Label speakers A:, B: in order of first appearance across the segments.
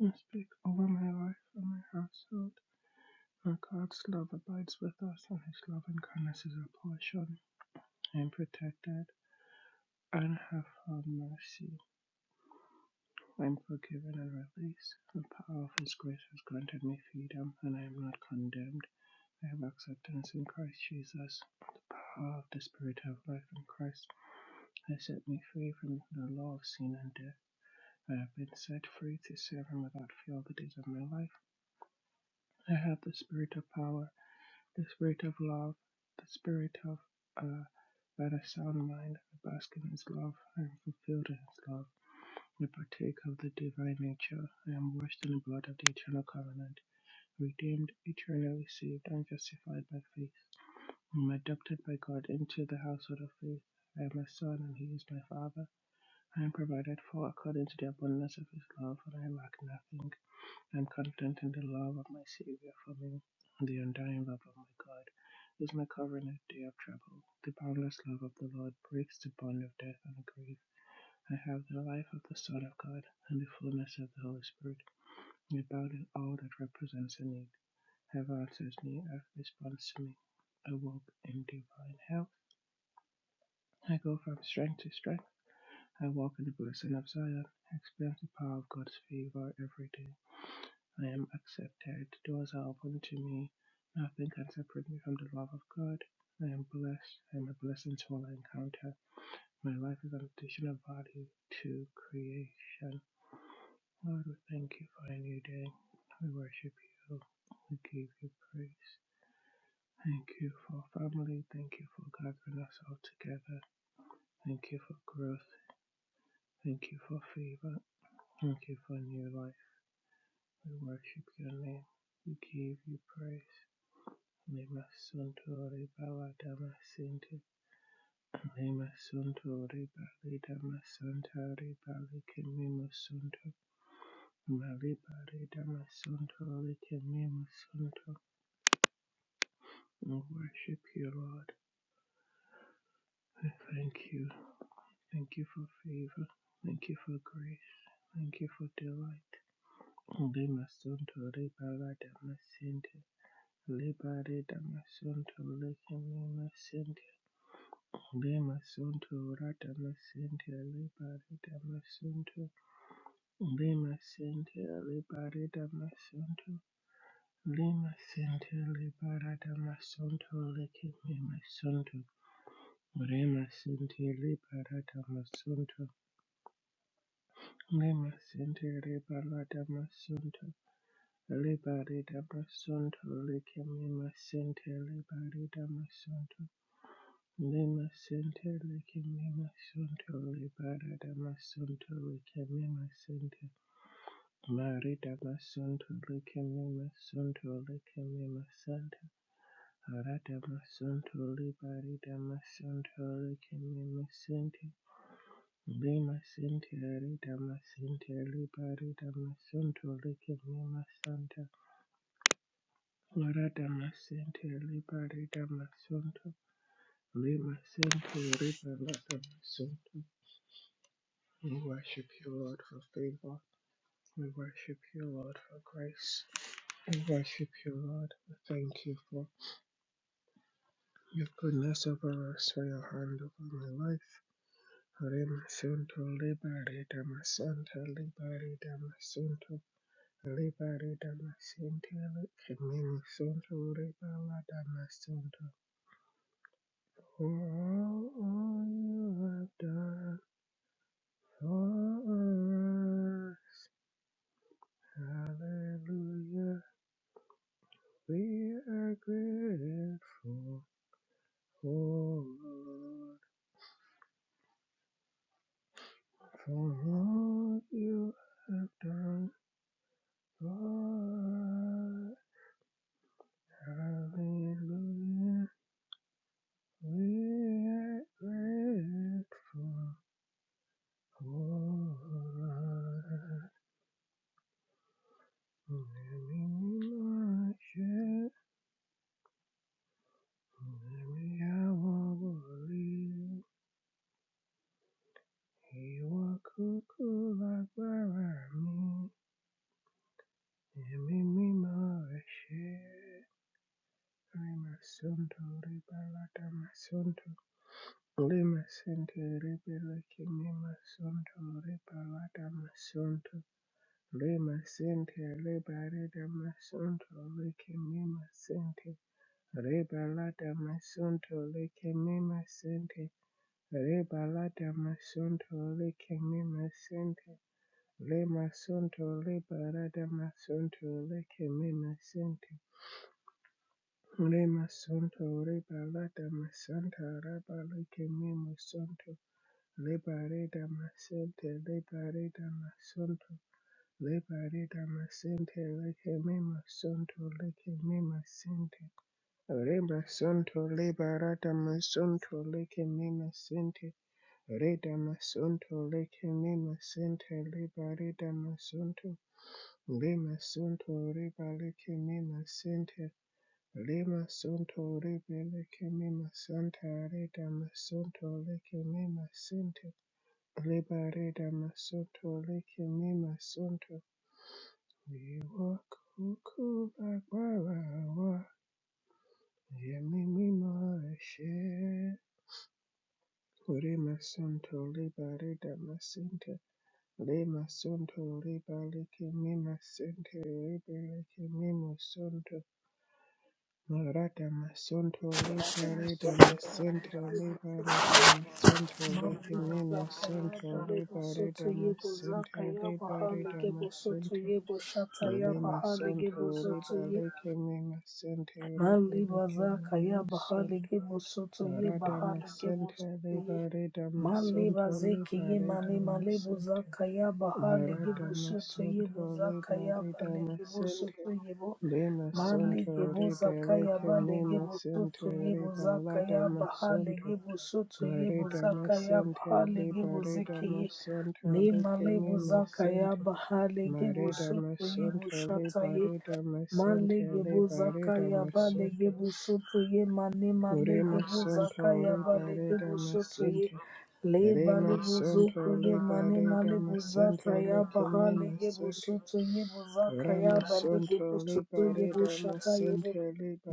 A: I speak over my life and my household. For God's love abides with us, and his love and kindness is our portion. I am protected and have found mercy. I am forgiven and released. The power of his grace has granted me freedom, and I am not condemned. I have acceptance in Christ Jesus. The power of the Spirit of life in Christ has set me free from the law of sin and death. I have been set free to serve Him without fear all the days of my life. I have the Spirit of power. The spirit of love, the spirit of uh, let a sound mind I bask in his love. I am fulfilled in his love. I partake of the divine nature. I am washed in the blood of the eternal covenant, redeemed, eternally saved, and justified by faith. I am adopted by God into the household of faith. I am a son, and he is my father. I am provided for according to the abundance of his love, and I lack nothing. I am content in the love of my Savior for me, the undying love of my God is my covenant day of trouble. The boundless love of the Lord breaks the bond of death and grief. I have the life of the Son of God and the fullness of the Holy Spirit, abounding all that represents a need. Heaven answers me, earth responds to me. I walk in divine health. I go from strength to strength. I walk in the blessing of Zion. I experience the power of God's favor every day. I am accepted. Doors are open to me. Nothing can separate me from the love of God. I am blessed. I am a blessing to all I encounter. My life is an additional value to creation. Lord, we thank you for a new day. We worship you. We give you praise. Thank you for family. Thank you for gathering us all together. Thank you for growth. Thank you for favor. Thank you for new life. We worship your name. We give you praise. Nemasuntori Baladamasinti Nemasuntori Balidamasantori Balikimimusunto Malibaridamasontori Kimimusunto We worship you, Lord. We thank you. Thank you for favor. Thank you for grace. Thank you for delight. Limasuntori Baladamasinti Libaridamasontori Kimimusunto Bemasunto radamasente lebaredamasunto lemasente lebaredamasunto lemasente lebaradamasunto lekememasunto remasente lebaradamasunto lemasente lebaradamasunto lebaredamasunto lekememasente lebaredamasunto Lima Center, Lake Lima Center, Libera Dama Center, Lake Lima Center, Marida Masunto, Lake Lima Center, Lake Lima Center, Arada Masunto, Liberida Masunto, Lake Lima Center, Lima Center, Arida Masunto, Liberida Masunto, Lake Lima Center, Marada Masunto, Liberida Masunto, Lima Center, Liberida Masunto, We worship you, Lord, for favor. We worship you, Lord, for grace. We worship you, Lord. We thank you for your goodness over us, for your hand over my life. Remasento libere damasanta libere damasento libere damasente kemimasento libera damasento. For all you have done for us, hallelujah. We are grateful for for what you have done for us. Hallelujah. We are grateful for Nehemiah, Nehemiah Wabuli, Iwakuku Lagbarami, Nehemiah share. Lima Sunto Ribalata Masunto Lima Sente Ribeleke Mima Sunto Ribalata Masunto Lima Sente Ribalata Masunto Leke Mima Sente Ribalata Masunto Leke Mima Sente Ribalata Masunto Leke Mima Sente Lima Sunto Ribalata Masunto Leke Mima Sente Ore masonto, ore balada masanta, re balike me masonto, lebareda masente, lebareda masonto, lebareda masente, leke me masonto, leke me masente. Ore masonto, lebarada masonto, leke me masente, reda masonto, leke me masente, lebareda masonto, le masonto, re balike me masente. Lima Sunto Libe Leke Mima Santa Reda Masunto Leke Mima Sinte Liba Reda Masunto Leke Mima Sunto We walk Uku Bagwara Yemi Mima She Lima Sunto Liba Reda Masinte Lima Sunto Liba Leke Mima Sinte Libe Leke Mima Sunto Narada Masunto Liberata Masunto Liberata Masunto
B: Mabuza
A: Lekeme
B: zaka
A: Masunto
B: yaba lebo soto
A: Liberata
B: yebo
A: Masunto
B: zaka yaba hale
A: Liberata
B: gebo soto
A: Masunto
B: yebo shata yaba
A: Lima
B: hale
A: Sunto
B: gebo
A: Riba Lekeme Masunto Riba
B: Mali
A: Lekeme
B: bazaka ya bahali
A: Masunto
B: gebu soto ye
A: Narada
B: bahali gebu
A: Masunto
B: soto ye.
A: Liberata
B: Mali
A: Masunto
B: bazeki ye
A: Liberata
B: mani mali
A: Masunto
B: buzaka ya bahali gebu soto ye
A: Maradamasonto
B: buzaka ya bale gebu
A: Libalidamasente
B: soto ye bo. Mali
A: Limasonto
B: gebu zaka ya
A: Libeleke
B: bale gebu soto
A: Mimasente
B: ye buzaka ya bahali
A: Libaladamasonto
B: gebu soto ye buzaka ya
A: Maridamasente
B: bahali gebu zeki ye.
A: Libaridamasonto
B: Ni
A: Leke
B: mali buzaka ya
A: Mimasente
B: bahali gebu soto ye
A: Maridamasonto
B: bushata ye.
A: Libaridamasente
B: Malege zakaya balege
A: Libaridamasonto
B: busoto ye mane malege
A: Rimasonto
B: zakaya balege busoto ye
A: Libaridamasente
B: le
A: Rema
B: balege zoko
A: sonto
B: ye mane
A: libare
B: male
A: dama sente
B: buzataya baha
A: lekemi
B: lege busoto ye buzakaya balege
A: Ramasonto
B: busoto ye
A: libare
B: bushata ye bu
A: damascente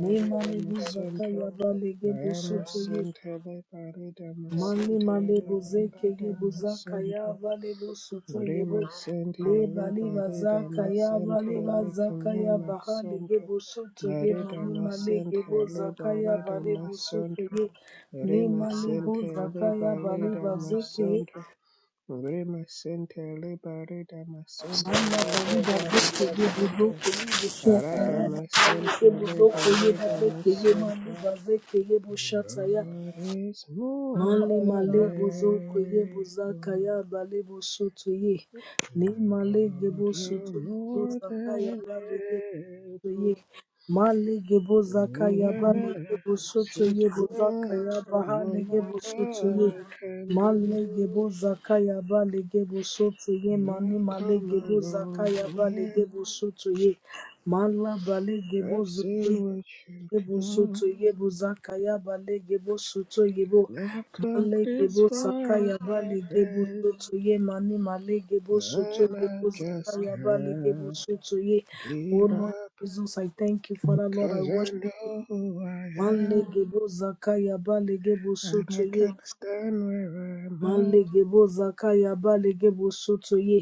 B: ne male
A: damasonto
B: buzakaya balege busoto ye
A: Ramascente libare
B: Mani
A: damascente
B: male bozeke
A: libare
B: ye bozaka ya
A: damasonto
B: vale bosoto yebo
A: Rimascente
B: le bali
A: libare
B: bazaka ya
A: damascente
B: vale bazaka ya
A: licinema
B: bahale ge
A: sonto
B: bosoto ye
A: Mare
B: mani male ge
A: damascente
B: bozaka ya
A: libare
B: vale bosoto
A: damasonto
B: ye ni mali
A: Rimascente
B: bozaka ya
A: libare
B: vale bazeke ye
A: damasonto Rimascente libare damasonto
B: manda bali
A: libare
B: bazeke ye
A: damascente
B: bozoko ye boshata ya bahale
A: Aradamasente
B: ge bozoko ye bozeke ye
A: lebaladamasonto.
B: Mani bazeke ye boshata ya
A: God is more
B: Mali
A: than
B: malebo zoko yebo
A: able.
B: zakaya balebo soto ye. Ne male gebo
A: God, you're
B: soto yebo
A: more
B: zakaya
A: than
B: bale gebo soto ye.
A: able.
B: Male gebo zakaya
A: Who am
B: bale
A: I
B: gebo soto
A: to
B: yebo
A: deny
B: zakaya bahale
A: what my
B: gebo soto ye.
A: God can
B: Male
A: do?
B: gebo zakaya bale gebo soto ye. Mani
A: I've
B: male
A: come a
B: gebo
A: long
B: zakaya bale
A: way.
B: gebo soto ye. Mala bale gebo
A: I've
B: zoto
A: seen what you can
B: Yebo soto
A: do.
B: yebo zakaya bale yebo soto yebo
A: And I've come
B: male
A: this
B: yebo
A: far
B: sakaya
A: by
B: bale yebo
A: faith.
B: soto ye mani male yebo soto
A: And
B: yebo
A: I just
B: zakaya bale yebo
A: can't
B: soto ye oh
A: give
B: Lord
A: up
B: Jesus I thank you Father Lord I
A: 'cause I
B: worship you
A: know who I
B: male
A: am,
B: yebo zakaya bale yebo
A: and
B: soto
A: I
B: ye
A: can't stand where I'm at.
B: Malegebo zakaya balegebo soto ye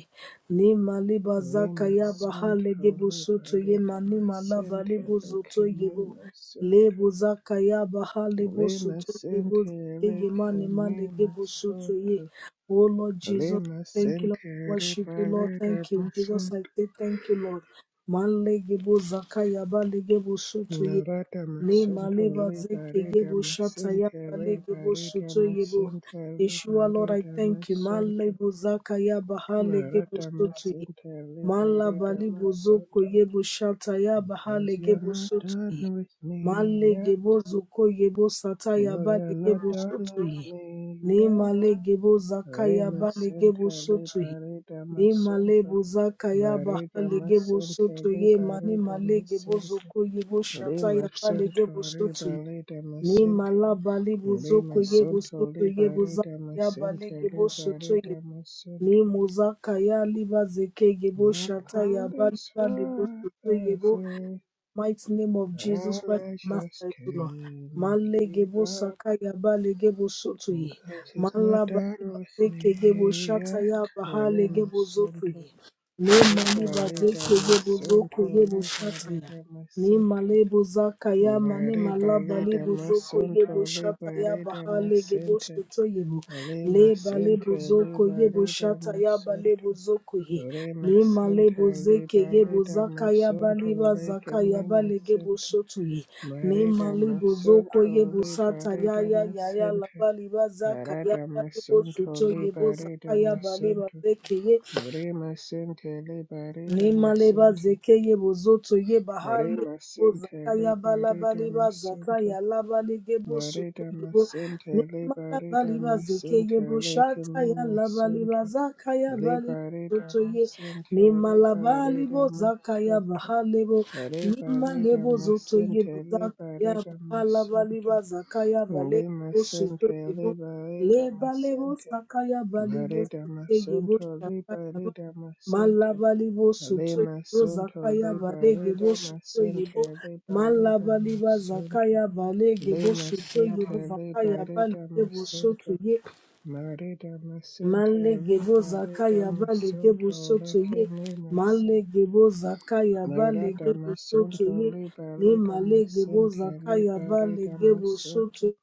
B: ne maleba
A: Lay my
B: zakaya baha
A: son to
B: legebo soto ye
A: liberate
B: mani
A: my
B: malaba
A: sin to
B: lebo
A: lick
B: zoto yebo
A: me, my son
B: lebo zakaya baha
A: to
B: lebo
A: lay my
B: soto
A: sin
B: yebo
A: to
B: zeye
A: lick
B: mani
A: me, my
B: malegebo soto
A: son
B: ye
A: to
B: oh Lord
A: lay
B: Jesus
A: my
B: thank you
A: sin
B: Lord
A: to
B: worship you Lord thank
A: liberate
B: you
A: my son
B: Jesus I say thank you Lord malegebo zakaya balegebo soto ye
A: Narada
B: Le
A: Masunto
B: maleva zeke
A: Liberida
B: yebo shata ya
A: Masinte
B: bale gebo
A: Liberida
B: soto yebo.
A: Masinte
B: Yeshua, Lord, I
A: Liberida
B: thank you.
A: Masunto
B: Malebo zaka ya bahale gebo
A: Narada
B: soto ye.
A: Masinte
B: Mala
A: Liberida
B: balibo zoko
A: Masunto
B: yebo shata ya
A: Cause
B: bahale
A: you're
B: gebo
A: not
B: soto
A: done
B: ye.
A: with me
B: Male
A: yet
B: gebo zoko yebo sata ya
A: No you're
B: bale
A: not
B: gebo
A: done
B: soto
A: with
B: ye.
A: me
B: Le
A: yet
B: male gebo zaka ya
A: Rema
B: bale gebo
A: Sinte
B: soto ye.
A: Liberida
B: Ni male
A: Masunto
B: bozaka ya baha
A: Marida
B: lege bosoto
A: Masinte
B: ye mani
A: Liberida
B: malege
A: Masinte
B: bozoko ye boshata
A: Lima
B: ya ba lege
A: Sunto
B: bosoto ye
A: Ribalida
B: ni
A: Masinte
B: mala bali bozoko
A: Lima
B: ye
A: Santo
B: bosoto ye bozaka
A: Liberida
B: ya ba
A: Masente
B: lege bosoto ye
A: Liberida Masente.
B: ni mozaka ya liba zeke ye
A: I've
B: boshata ya
A: come
B: ba
A: this
B: liba le
A: far,
B: bosoto ye
A: I
B: bo
A: feel,
B: mighty name of Jesus
A: and
B: Christ
A: I
B: of
A: just
B: Nazareth, O Lord.
A: can't give
B: Malegebo
A: up,
B: sakaya balegebo
A: 'cause
B: sotoye.
A: Cause he's not
B: Malaba
A: done with
B: zekegebo
A: me
B: shataya
A: yet. Lima
B: bahalegebo zotoye.
A: Santo
B: Ne maliba
A: Liberida
B: zekegebo
A: Masente
B: zokoyebo shataya.
A: Liberida
B: Ni
A: Masente.
B: malebo zaka ya mani malaba
A: Liberida
B: lebo zoko
A: Masente
B: yebo shata ya
A: Liberida
B: bahale gebo
A: Masente.
B: soto yebo
A: Ale
B: le
A: masente
B: balebo
A: le
B: zoko yebo
A: bareda
B: shata ya
A: masonto.
B: balebo zoko ye
A: Ale
B: ni
A: masente
B: malebo
A: le
B: zeke yebo
A: bareda
B: zaka ya
A: masonto.
B: baliba
A: Ale
B: zaka ya
A: kemi
B: bale gebo
A: masente.
B: soto ye ni
A: Mareda
B: malebo zoko
A: masonto
B: yebo
A: le
B: sata ya
A: bareda
B: ya ya ya la
A: masente.
B: baliba zaka ya
A: Arada
B: balebo
A: masonto
B: soto
A: le
B: yebo
A: bareda
B: zaka ya baleba
A: masonto.
B: zeke ye
A: Re masente le bareda
B: Nimaleba
A: masente.
B: zeke yebo zoto yeba
A: Re
B: hale bo
A: masente
B: zakaya
A: le
B: yaba laba
A: bareda
B: leba zaka ya
A: masonto.
B: laba legebo soto
A: Mareda
B: yebo
A: masente le
B: nimalaba
A: bareda
B: leba ye
A: masente.
B: bo
A: Le
B: shata
A: kemi
B: ya laba
A: masonto.
B: zakaya zaka ya bali
A: Liberator
B: soto ye
A: Masente,
B: nimalaba lebo
A: Liberator
B: zaka ya
A: Masente,
B: bahale bo
A: Liberator
B: nimalebo zoto yebo bo
A: Masente,
B: zakaya
A: Liberator
B: bahala leba
A: Masente,
B: zaka ya bale
A: Lima
B: bo soto
A: Sente,
B: yebo
A: Liberator
B: leba lebo
A: Masente,
B: bali bo
A: Marita
B: soto yebo
A: Masunto,
B: shata ya
A: Liberator Masente,
B: Malabalibo
A: Lima
B: sotoyebo
A: Sunto,
B: zakaya balegebo
A: Liberator
B: sotoyebo
A: Masente, Liberator
B: malabaliba
A: Masunto,
B: zakaya balegebo
A: Lima
B: sotoyebo
A: Sente,
B: zakaya
A: Liberator
B: balegebo
A: Masunto,
B: sotoye
A: Marida masente
B: malegebo
A: liberida
B: zakaya balegebo
A: masunto leke
B: sotoye
A: me masente.
B: malegebo zakaya
A: Marada
B: balegebo
A: masunto
B: sotoye ni
A: liberida
B: malegebo
A: masente
B: zakaya
A: liberida
B: balegebo
A: masunto.
B: sotoye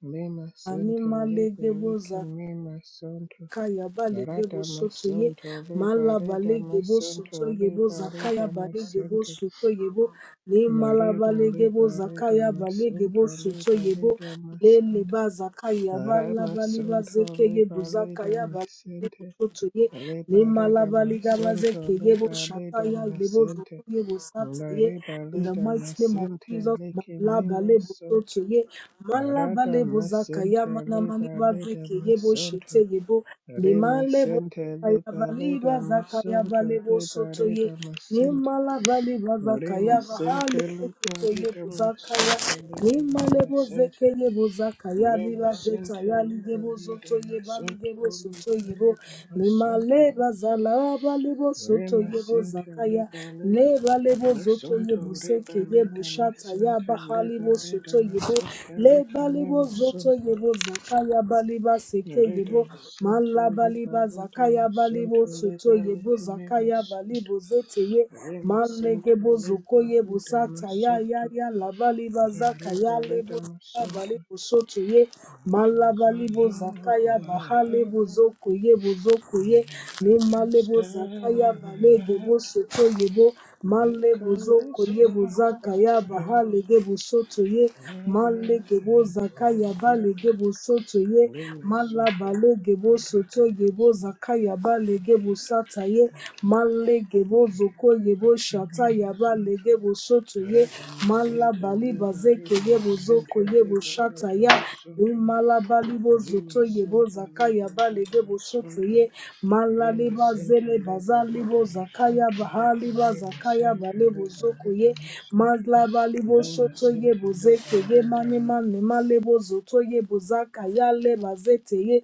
A: Me
B: ani
A: masente
B: malegebo
A: liberike
B: zakaya.
A: me masunto.
B: Kaya balege bo
A: Marada
B: soto ye
A: masunto
B: mala
A: liberida
B: balege bo soto
A: masunto
B: ye bo zakaya
A: liberida
B: balege bo
A: masente.
B: soto ye bo le mala
A: Marima
B: balege bo
A: liberida
B: zakaya balege bo
A: masunto
B: soto ye bo
A: liberida
B: le le
A: masante.
B: ba zakaya bala
A: Rama
B: bali ba
A: Santo
B: zeke ye bo
A: Liba Lida
B: zakaya balege bo
A: Masente
B: soto ye le
A: Labor
B: mala
A: leader
B: baliga ba
A: Masunto,
B: zeke ye bo
A: labor leader
B: shataya le bo zoko
A: Masente,
B: ye bo sata ye
A: labor
B: in the
A: leader
B: mighty name of
A: Masente,
B: Jesus
A: lake
B: mala
A: me
B: bale bo
A: masonto.
B: soto ye mala
A: Arada
B: bale bo zakaya
A: Masente,
B: mana mali
A: labor
B: ba
A: leader
B: zeke ye bo shete
A: masonto,
B: ye bo
A: Re
B: Liman
A: Masente, labor
B: Kayabaliba
A: leader Masunto,
B: zakayabalebo
A: labor
B: sotoye
A: leader Masente,
B: nimalabaleba
A: Re
B: zakayaba
A: Masente,
B: halebo
A: labor
B: sotoye
A: leader
B: buzakaya
A: masonto, lake me
B: nimalebo
A: Masente,
B: zekelebo zakaya
A: Re
B: liba
A: Masente,
B: zetaya
A: labor
B: ligebo
A: leader
B: zotoye
A: Masunto,
B: baligebo
A: labor
B: sotoye bo
A: leader masonto.
B: nimaleba zalabalebo sotoye bo
A: Remasinte
B: zakaya
A: liberida,
B: lebalebo zotoye
A: lesunto
B: busekeye
A: liberida,
B: bushataya
A: masinte
B: bahalebo
A: liberida,
B: sotoye bo
A: masinte
B: lebalebo
A: lecimimo sunto,
B: zotoye bo zakaya baliba sekeye
A: rida
B: bo
A: masinte
B: malabali liba
A: liberida,
B: zakaya balibo
A: masunto
B: soto yebo
A: libericimimo
B: zakaya
A: sunto,
B: balibo zeteye malege
A: remasinte
B: zokoye yebo
A: liberida,
B: sata ya ya
A: masunto,
B: ya labaliba zakaya lebo
A: liberida, masunto,
B: balibo soto ye
A: because I
B: malabalibo
A: know
B: zakaya
A: I am.
B: bahalebo zoko yebo zoko
A: no,
B: ye ne
A: I can't
B: malebo
A: stay where
B: zakaya
A: I'm
B: balege
A: at.
B: bosoto yebo
A: We've
B: malebo
A: come
B: zoko
A: this
B: yebo
A: far by
B: zakaya
A: faith.
B: bahalege soto ye
A: Never
B: malege
A: to go
B: bozakaya
A: back.
B: balege soto ye
A: Ling sun,
B: malabalege gebo soto
A: paradise,
B: yebo zaka yaba lege bosata ye malege
A: Mary
B: bozoko yebo shata
A: Pelagian
B: yaba
A: sun,
B: lege bosoto ye
A: Radama Santa
B: malabali
A: Liba,
B: bazeke ye
A: Radama
B: bozoko
A: Santa
B: ye
A: Liba,
B: boshata ya
A: Radama Santa,
B: imalabali
A: Lima
B: bozoto yebo
A: Santa
B: zaka
A: Liba,
B: yaba lege
A: Radama Santa,
B: ye malali
A: Lima Santa
B: bazele
A: Liba,
B: bazali
A: Radama
B: bozaka
A: Santa,
B: yaba hali
A: Lakimima
B: bazaka yaba
A: Santa
B: le
A: Liba,
B: ye
A: Radama Santa,
B: malabali
A: Lima
B: bosoto ye
A: Santa
B: bozeke
A: Liba,
B: ye mane
A: Radama
B: mane male bozoto ye bozaka yale bazete ye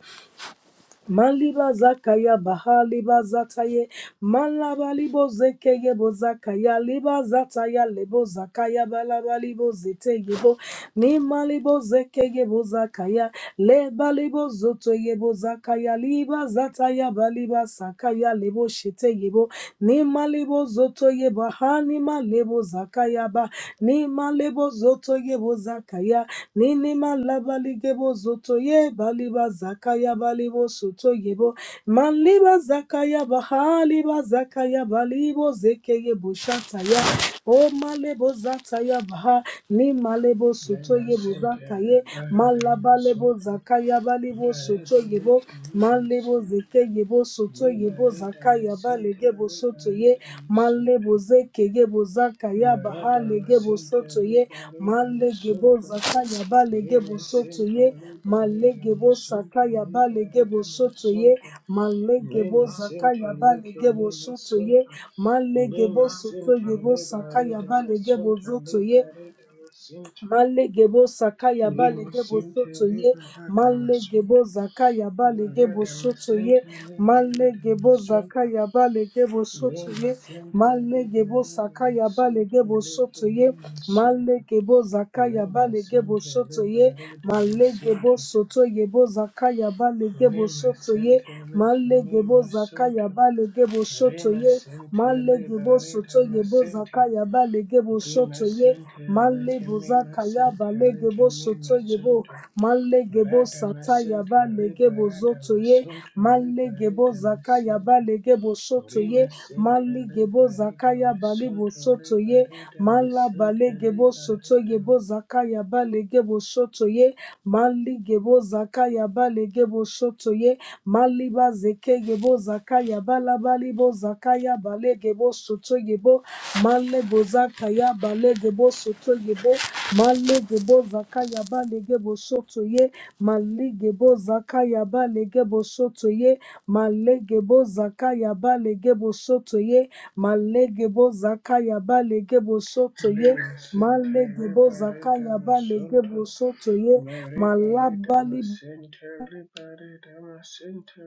B: Maliba zakaya bahali libo malabali bo zakaya liba zataya lebo zakaya balaba balabali bozeteye bo ni malibo zekeye bozakaya lebali bo zakaya liba zataya baliba sakaya lebo sheteye bo ni malibo zotoye bahani malebo zakaya ba Ni lebo zoto yebo zakaya. ni labali gebo zoto ye baliba zakaya balibo soto yebo. Maliba zakaya bahaliba zakaya balibo zeke yebo shataya. O malebo zataya baha. ni lebo soto
A: Lema
B: yebo
A: Center
B: zakaye.
A: Libera Dama
B: Malaba lebo
A: Center
B: zakaya balibo soto
A: Larebe
B: yebo.
A: Lake Lima
B: malebo
A: Center
B: bozeke ye bosoto ye
A: Libera
B: bozaka
A: Dama
B: yaba
A: Center
B: lege bosoto
A: Libera
B: ye
A: Dama
B: male
A: Center
B: bozeke ye bozaka yaba ha
A: Maradama
B: lege
A: Center
B: bosoto ye
A: Libera Dama
B: malege
A: Center
B: bozaka yaba lege
A: Lema
B: bosoto
A: Center
B: ye
A: Libera
B: malege
A: Dama
B: bosaka
A: Center
B: yaba lege
A: Libera Dama
B: bosoto ye
A: Center
B: malege
A: Lema
B: zaka
A: Center
B: yaba
A: Lake
B: lege
A: Lima
B: bosoto ye
A: Center
B: malege
A: Lema
B: bosoto
A: Center
B: ye bosaka
A: Libera
B: yaba
A: Dama
B: lege
A: Center
B: bozoto ye
A: Libera Dama Center
B: Male gebo sakaya bale
A: Lima
B: gebo
A: Center
B: soto ye.
A: Liberata
B: Male gebo
A: Masonto,
B: zakaya bale gebo
A: Liberata
B: soto ye.
A: Masonto,
B: Male
A: Liberata
B: gebo
A: Masonto,
B: zakaya bale gebo soto
A: Lima
B: ye.
A: Center
B: Male gebo
A: Liberata
B: sakaya bale
A: Masonto,
B: gebo
A: Lake
B: soto ye.
A: Lima
B: Male
A: Center,
B: gebo zakaya
A: Lima
B: bale gebo
A: Center
B: soto ye.
A: Liberata
B: Male gebo
A: Masonto,
B: soto yebo zakaya bale gebo
A: Lima
B: soto ye.
A: Center Lake
B: Male gebo
A: Lima
B: zakaya
A: Center,
B: bale gebo soto
A: Lima
B: ye.
A: Center
B: Male gebo
A: Liberata
B: soto yebo
A: Masonto,
B: zakaya bale gebo
A: Lima
B: soto ye.
A: Center
B: Male
A: Lake Lima
B: bozaka ya
A: Center, Lake
B: balegebo
A: Lima
B: soto yebo.
A: Center,
B: Malegebo sata ya
A: Radamasente
B: balegebo zoto ye.
A: liberadamasonto
B: Malegebo zaka ya
A: liberadamasente
B: balegebo soto ye.
A: rimasente
B: Maligebo zaka ya balibo
A: liberadamasonto
B: soto ye. Mala
A: liberadamasente
B: balegebo soto
A: liberadam
B: yebo zaka ya balegebo soto ye. Maligebo zaka ya balegebo soto ye. Maliba zeke yebo zaka yaba ya balabalibo zaka ya balegebo soto yebo. Malé malego zakaya balegebo sotoyebo gebo zakaya bale gebo soto ye. Malé malegebo zakaya balegebo sotoye gebo zakaya bale gebo soto ye. Malé malegebo zakaya balegebo sotoye
A: rimasente
B: gebo zakaya
A: liberadamasonto
B: balegebo sotoye malabali
A: liberadamasente liberadamasente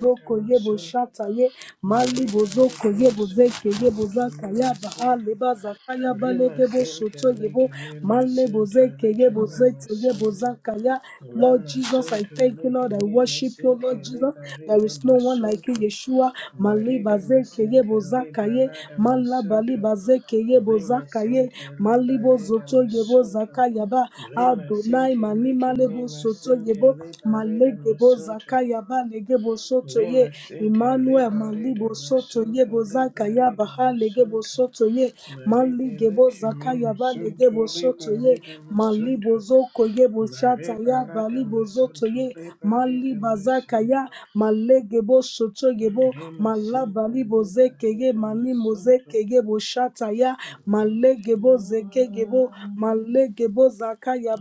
B: Zoko yebo shata ye mali bozoko yebo zeke
A: liberadamasonto
B: yebo zaka yaba
A: likimimasente
B: ale bazaka yaba
A: Rima
B: lege
A: sente
B: shoto
A: leke
B: yebo
A: mima
B: male
A: sente
B: bozeke
A: leke
B: yebo
A: mima
B: zete yebo
A: sente
B: zaka ya Lord
A: Lama
B: Jesus, I
A: sunto
B: thank you,
A: leke
B: Lord. I
A: mima
B: worship you, Lord
A: sente
B: Jesus.
A: leba
B: There
A: reda
B: is no one like you,
A: masunto
B: Yeshua. Mali
A: Mareda
B: bazeke
A: masente
B: yebo zaka
A: leba
B: ye
A: lada
B: mala bali
A: masunto
B: bazeke yebo
A: Lima
B: zaka ye
A: sente
B: mali
A: leba reda
B: bozoto yebo
A: masunto
B: zaka yaba
A: Lima
B: Adonai
A: sente
B: mani
A: leke
B: male
A: mima
B: bozoto
A: sente
B: yebo
A: leba reda
B: malege
A: masunto
B: bozaka yabalege bosoto ye
A: Lima sente
B: Emmanuel
A: leba reda
B: malibo soto ye
A: masunto leba
B: bozaka ya bahalege
A: masunto
B: bosoto ye
A: Bari
B: malige
A: bala
B: bozaka
A: kimi
B: ya balege
A: masunto le
B: ye
A: bari da
B: malibo zoko ye boshata
A: Bari
B: ya
A: bala da
B: balibo zoto
A: masunto
B: ye
A: bari da
B: malibazaka
A: masunto.
B: ya malege bosoto ye bo
A: Le
B: malabali
A: bari
B: ye
A: da
B: malimo zeke ye boshata ya malege bozeke ye bo malege bozaka ya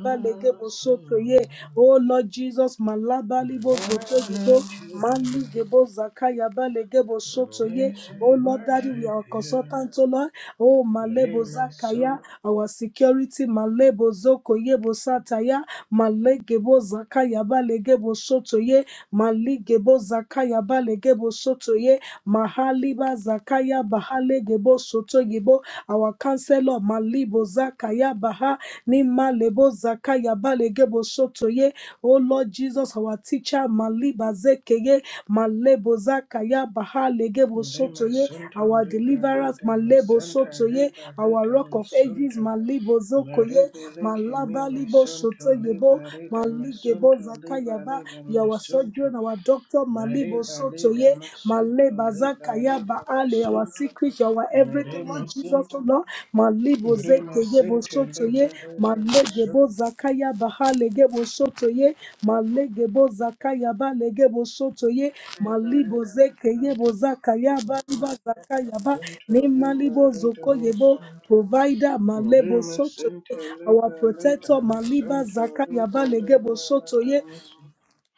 B: ye Oh Lord Jesus, Malabo labalibo
A: Lion
B: gotogibo
A: of
B: mali
A: Judah,
B: gebo zakaya balegebo shotoye
A: yes,
B: oh
A: we
B: lord daddy we
A: worship
B: are
A: you.
B: consultant oh lord oh malebo
A: Le
B: zakaya
A: masunto.
B: our security malebo zoko yebo sataya malegebo zakaya balegebo shotoye Mali gebo zakaya balegebo shotoye mahaliba zakaya bahale bahalegebo shotoyebo our counselor malibo zakaya baha ni malebo zakaya balegebo shotoye Oh Lord Jesus, our teacher, Maliba Zekeye, Malebo Zakaya, Baha Legebo
A: Le
B: Sotoye,
A: masunto
B: our
A: bari
B: deliverers,
A: da
B: Malebo
A: masunto
B: Sotoye,
A: bari
B: our
A: da
B: rock of ages, Malibo
A: Lari
B: Zokoye,
A: bele kemi
B: Malaba Libo
A: masunto le
B: Sotoyebo,
A: bari da
B: Maligebo
A: masunto le
B: Zakayaba.
A: bari da
B: You are our
A: masunto
B: surgeon, our doctor,
A: Lari
B: Malibo
A: bari da
B: Sotoye, Maleba
A: masunto le bari da
B: Zakayaba Ale, our
A: masunto
B: secret, you are our
A: Lari
B: everything, Lord Jesus, oh
A: masunto
B: Lord. Malibo
A: Lari
B: Zekebo
A: masunto le
B: Sotoye,
A: bari da masunto
B: Malegebo Zakayaba Halegebo Sotoye, Malegebo Zakayaba Legebo Sotoye, Malibo Zekebo Zakayaba, Liba Zakayaba,
A: le
B: Nimalibo
A: bari da
B: Zokoyebo
A: masunto
B: provider,
A: Lari
B: Malebo Sotoye,
A: masunto le
B: our
A: bari da
B: protector, Maliba
A: masunto le
B: Zakaya
A: bari
B: Balegebo
A: da
B: Sotoye,
A: masunto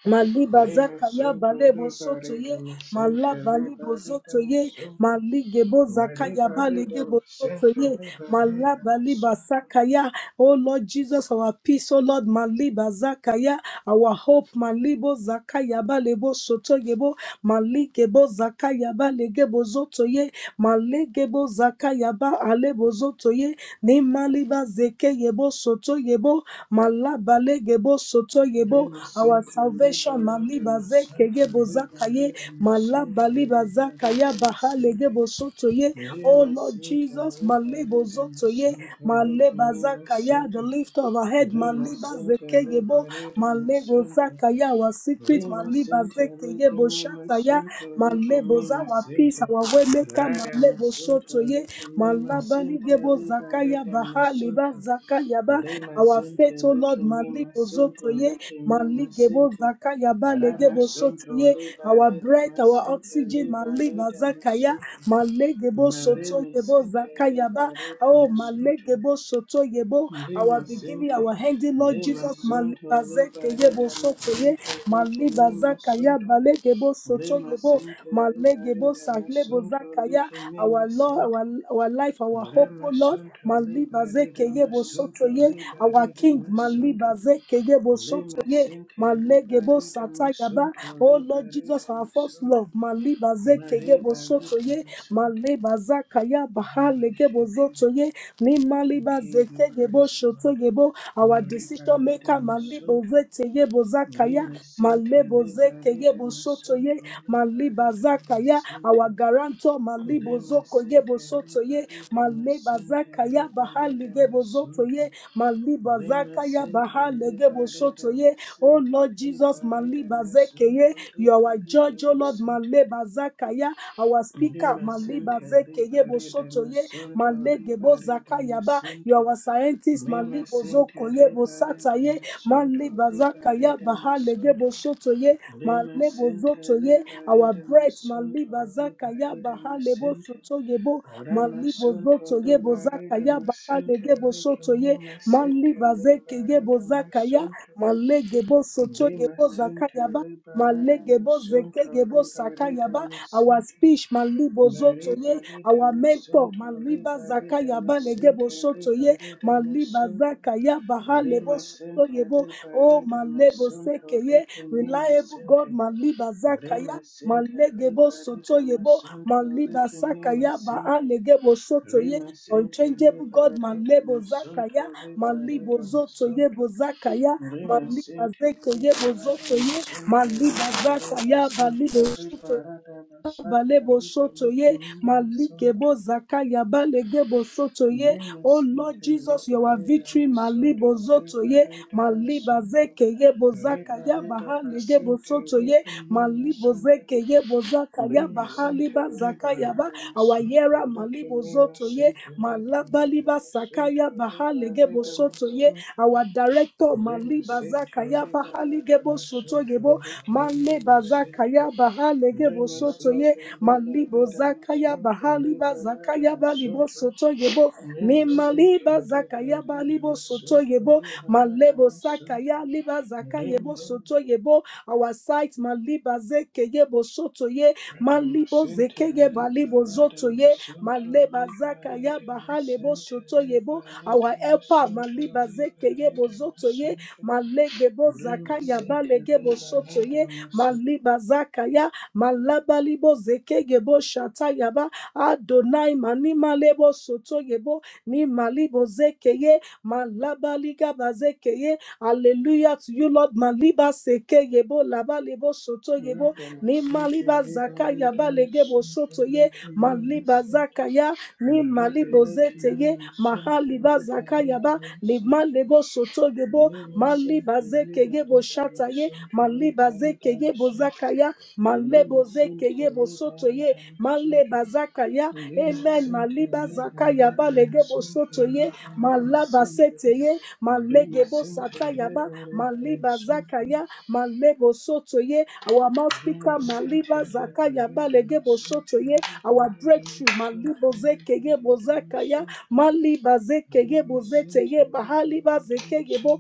B: Maliba
A: Lari
B: Zakaya
A: masunto
B: Balebo
A: le bari da
B: Sotoye,
A: masunto
B: Malaba
A: le
B: Libo
A: bari da
B: Zotoye,
A: masunto
B: Maligebo Zakaya
A: Mariba leda
B: Balegebo
A: masente
B: Sotoye,
A: leba leda
B: Malaba Liba
A: masanto.
B: Sakaya, O Lord Jesus, our peace, O Lord, Maliba Zakaya, our hope, Malibo Zakaya Balebo Sotoyebo, Maligebo Zakaya Balegebo Zotoye, Malegebo Zakaya Ba Alebo Zotoye, Nemaliba zeke yebo soto yebo. Malabale gebo soto yebo.
A: Rima
B: Our
A: sente leba
B: salvation
A: leda
B: maliba zeke
A: masanta
B: yebo
A: leba
B: zakaye.
A: leda masanto
B: Malabaliba
A: leba leda
B: zakaya bahale
A: masente.
B: gebo soto ye. Oh
A: Rima
B: Lord
A: sente
B: Jesus,
A: leba
B: malebo
A: leda
B: zoto ye.
A: masanto leki
B: Maleba
A: mima
B: zakaya, the
A: sente.
B: lift of our head.
A: Rima
B: Maliba
A: sente
B: zeke
A: leba
B: yebo.
A: leda
B: Malego
A: masanto.
B: zakaya, our secret.
A: Rima
B: Maliba
A: sente
B: zeke
A: leki
B: yebo
A: mima
B: shataya.
A: santo leki
B: Malebo
A: mima
B: zawa peace,
A: sente.
B: our way maker,
A: Rada
B: Malebo
A: masanto
B: Sotoye,
A: leki mima
B: Malabali
A: sente
B: Gebo
A: leba
B: Zakaya
A: leda
B: Baha Liba
A: masanto.
B: Zakaya Ba, our
A: Remasente
B: faith, O
A: leke
B: Lord,
A: me
B: Malibo
A: masonto
B: Zotoye,
A: leke me
B: Maligebo
A: masente.
B: Zakaya Ba Legebo
A: Ramasonto
B: Sotoye,
A: leba
B: our
A: reda
B: breath, our
A: masente
B: oxygen,
A: leba
B: Maliba
A: reda
B: Zakaya,
A: masonto.
B: Malegebo Soto
A: Mareme
B: Yebo
A: sente
B: Zakaya Ba,
A: leba reda
B: oh
A: masonto.
B: Malegebo Soto Yebo, our
A: le
B: beginning,
A: sente
B: our ending, Lord
A: le
B: Jesus, Maliba
A: sonto leba reda
B: Zekebo ye
A: masente leke
B: maliba
A: me
B: zaka ya
A: masonto.
B: balegebo soto
A: Lema
B: yebo
A: sente leba
B: malegebo
A: reda
B: sahlebo
A: masonto
B: zaka
A: leke me
B: our Lord
A: masente.
B: our, our life our hope oh Lord
A: Ramasonto
B: maliba
A: leba
B: zeke
A: reda
B: yebo soto
A: masonto
B: ye
A: leba
B: our
A: reda
B: King maliba
A: masonto.
B: zeke yebo soto ye
A: Limasinte
B: Malegebo
A: liberida
B: satayaba.
A: masunto
B: Oh Lord
A: liberida
B: Jesus, our first
A: masunto
B: love. Maliba zekegebo
A: Mariba lida
B: sotoye.
A: masunto
B: Maleba zakaya baha legebo
A: worship you
B: zotoye. Ni
A: we
B: maliba
A: give you
B: zeke zegebo
A: praise Lord
B: shotogebo, our
A: Mariba
B: decision
A: lida
B: maker, Malibo
A: masunto
B: Zeteyebo Zakaya,
A: Limasinte
B: Malebo
A: liberida
B: Zekeyebo Sotoye,
A: masunto
B: Maliba
A: liberida
B: Zakaya,
A: masinte
B: our guarantor, Malibo Zokoyebo
A: Limasinte
B: Sotoye,
A: liberida
B: Maleba
A: masinte
B: Zakaya,
A: liberida
B: Bahaligebo
A: masunto
B: Zotoye, Maliba
A: Lima
B: Zakaya,
A: Center,
B: Bahaligebo
A: Liberata,
B: Sotoye, Oh
A: Masenta,
B: Lord Jesus,
A: Liberata,
B: Maliba Zekeye,
A: Masonto,
B: you are our
A: Liberata,
B: judge, oh Lord,
A: Masenta.
B: Maleba Zakaya, our speaker,
A: Lima
B: maliba
A: Center,
B: zeke yebo
A: Liberata,
B: soto ye
A: Masonto,
B: malege bo
A: Liberata,
B: ba you
A: Masenta.
B: are our scientist
A: Lima
B: malibo zoko
A: Center,
B: yebo sata
A: Liberata,
B: ye
A: Masonto,
B: maliba zakaya
A: Liberata,
B: ba
A: Masonto.
B: soto ye
A: Lima
B: malebo
A: Center,
B: zoto ye our
A: Liberata,
B: breath maliba
A: Masonto,
B: zakaya ba
A: Liberata,
B: halebo
A: Masenta.
B: soto yebo
A: Rama
B: malibo
A: Santo
B: zoto yebo
A: Liberata
B: zakaya ba
A: Masente
B: bo
A: Lake
B: soto ye
A: Mima Santa
B: maliba zeke yebo
A: Liberata
B: zakaya
A: Masunto
B: malege bo soto yebo
A: Rimasente
B: zakaya ba
A: liberata
B: Malegebo
A: misunto
B: zekegebo
A: liberata
B: sakayaba, our
A: misente
B: speech, malibo zotoye,
A: Barita lita
B: our mentor,
A: misunto
B: maliba
A: liberata
B: zakayaba legebo
A: misente
B: sotoye,
A: liberata
B: maliba
A: misunto
B: zakayaba halebo
A: Rimasente
B: sotoyebo, oh
A: liberata
B: malebo
A: misunto
B: sekeye,
A: liki
B: reliable God,
A: mimasente
B: maliba zakaya.
A: Rimasente
B: Malegebo
A: liberata
B: sotoyebo,
A: misunto
B: maliba
A: liki
B: sakaya ba
A: mimasente
B: alegebo sotoye,
A: Rimasente
B: unchangeable God,
A: liberata
B: malebo zakaya,
A: misunto
B: malibo
A: liberata misunto
B: zotoyebo zakaya,
A: Lima
B: maliba
A: Sinti Riba
B: zekeyebo
A: Adama
B: zotoye,
A: Santa
B: Maliba
A: Riba
B: Vasa
A: Leba
B: Yaba Libo
A: Santa Riba
B: Super
A: Adama Santa
B: Balebo
A: Riba
B: soto ye,
A: Likinima
B: maligebo
A: Santa
B: zakaya balegebo soto ye.
A: Lima
B: Oh Lord
A: Sinti
B: Jesus,
A: Riba
B: you are victory,
A: Redama Santa
B: malibo zoto
A: Riba
B: ye,
A: Redama
B: maliba
A: Santa
B: zeke ye bozaka
A: Riba
B: ya
A: Ledama
B: bahalegebo
A: Sinti
B: soto ye,
A: Likinima
B: malibo
A: Santa
B: zeke ye bozaka ya
A: Lima Sinti
B: bahaliba
A: Riba
B: zakaya ba
A: Adama Santa
B: awayera malibo
A: Likinima
B: zoto ye,
A: Sinti Riba
B: malabaliba
A: Redama
B: sakaya
A: Santa Riba
B: bahalegebo
A: Redama
B: soto ye.
A: Santa
B: Our director
A: Lima
B: maliba
A: Center,
B: zakaya
A: Lima Lada
B: bahaligebo soto
A: Masunto,
B: yebo,
A: Licking Lima Center,
B: bazakaya bahalege
A: Lima
B: bosoto ye
A: Center, Lima
B: malibo
A: Lada
B: zakaya
A: Masunto,
B: bahali
A: Lima Lada
B: bazakaya balibo
A: Masunto,
B: soto yebo
A: Lima
B: mimali
A: Center, Lima
B: bazakaya
A: Lada
B: balibo soto
A: Masunto,
B: yebo
A: Lima Lada
B: malebo
A: Masunto,
B: sakaya liba zakayebo
A: Lima
B: soto yebo our sight maliba zekeye bosoto ye
A: Lada
B: malibo
A: Masunto,
B: zekeye
A: Lima
B: balibo
A: Lada
B: zoto ye
A: Masunto, Lima Lada Masunto,
B: maleba
A: Lima Lada
B: zakaya bahalebo
A: Masunto,
B: soto yebo our helper maliba
A: Lima
B: zekeye
A: Lada
B: bozoto ye
A: Masunto,
B: malegebo
A: Lima
B: zakaya
A: Center,
B: balegebo
A: Lima
B: soto ye
A: Lada Masunto.
B: malibazakaya malabalibo zekegebo shatayaba adonai manimalebo sotoyebo ni malibo zekeye malabaligaba zekeye hallelujah to you lord maliba sekeyebo labalebo sotoyebo ni
A: Radamasinte
B: maliba zakayaba legebo
A: Libaridamasinte
B: sotoye maliba
A: Lekinimisinte
B: zakaya ni
A: Maribe
B: malibo zeteye
A: Lekinimisinte
B: mahaliba zakayaba
A: Libaridamasinte
B: limalebo sotoyebo maliba
A: Limisinte
B: zekegebo shataye
A: Libaridamasinte
B: maleba zeke ye
A: Libaridamasinte
B: bozaka ya malebo zeke
A: Limisinte
B: ye bosoto ye
A: Libaridamasinte
B: maleba zaka ya amen
A: Limisinte
B: maliba zaka ya balege
A: Libaridamasinte
B: bosoto ye malaba
A: Lekinimisinte
B: sete ye malege
A: Limisinte
B: bosata ya ba maliba
A: Libaridamasinte
B: zaka ya malebo soto ye our mouth
A: Liberate my
B: speaker maliba
A: center,
B: zaka ya
A: liberate
B: balege
A: my
B: bosoto
A: center,
B: ye our breakthrough malibo zeke ye bozaka ya maliba zeke ye bozete ye bahaliba zeke ye bo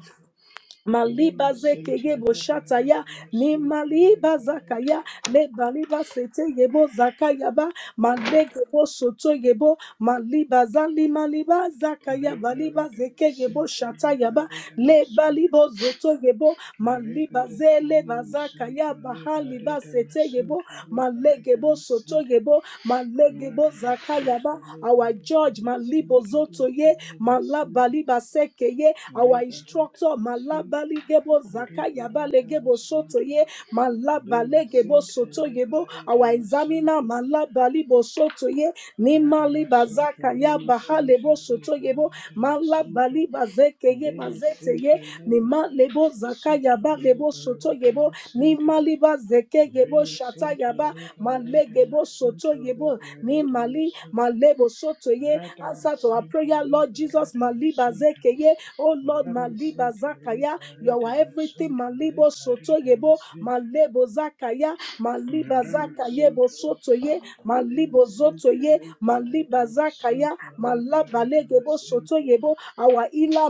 B: Maliba zeke yebo shataya, ni maliba zakaya, le baliba sete yebo zakaya ba, malege bo soto yebo, maliba zali maliba zakaya, baliba zeke yebo shataya ba, le balibo zoto yebo, maliba zele bazakaya, bahaliba sete yebo, malege bo soto yebo, malege bo zakaya ba, our judge, malibo zoto
A: like him
B: ye,
A: in my
B: malaba
A: center.
B: liba seke ye, our
A: Rebalat
B: instructor,
A: sent
B: Malabali Gebo
A: Rebalat
B: Zakayabale Gebo
A: Masunto
B: Sotoye,
A: Lima
B: Malabale Gebo
A: Sinta
B: Sotoyebo,
A: Libarita
B: our examiner,
A: Masunto
B: Malabali Bosotoye,
A: Rata
B: Nimali
A: Masunto
B: Bazakaya
A: Lima Sinta
B: Bahalebo Sotoyebo,
A: Libarita Masunto
B: Malabali Bazekeye
A: Lima
B: Bazeteye,
A: Sinta Libarita
B: Nimalebo
A: Masunto
B: Zakayaba Lebo
A: Libarita
B: Sotoyebo,
A: Masunto
B: Nimali Bazekeyebo
A: Lima Sinta
B: Shatayaba,
A: Libarita
B: Malegebo
A: Masunto
B: Sotoyebo,
A: Libarita
B: Nimali
A: Masunto
B: Malebo Sotoye,
A: Rata
B: answer to our
A: Masinta
B: prayer, Lord Jesus,
A: Libarita
B: Maliba
A: Masunto
B: Zekeye. Oh Lord, Maliba
A: Brahmasinte
B: Zakaya, you
A: liberate
B: are everything.
A: masunto
B: Malibo Soto
A: liberate
B: Yebo,
A: masinte
B: Malebo Zakaya, Maliba Zakayebo
A: Ramasunto
B: Soto Ye,
A: Malima
B: Malibo Zoto
A: Sinte
B: Ye,
A: liberate
B: Maliba Zakaya,
A: masunto liberate
B: Malabalegebo Soto
A: masinte
B: Yebo, our Ila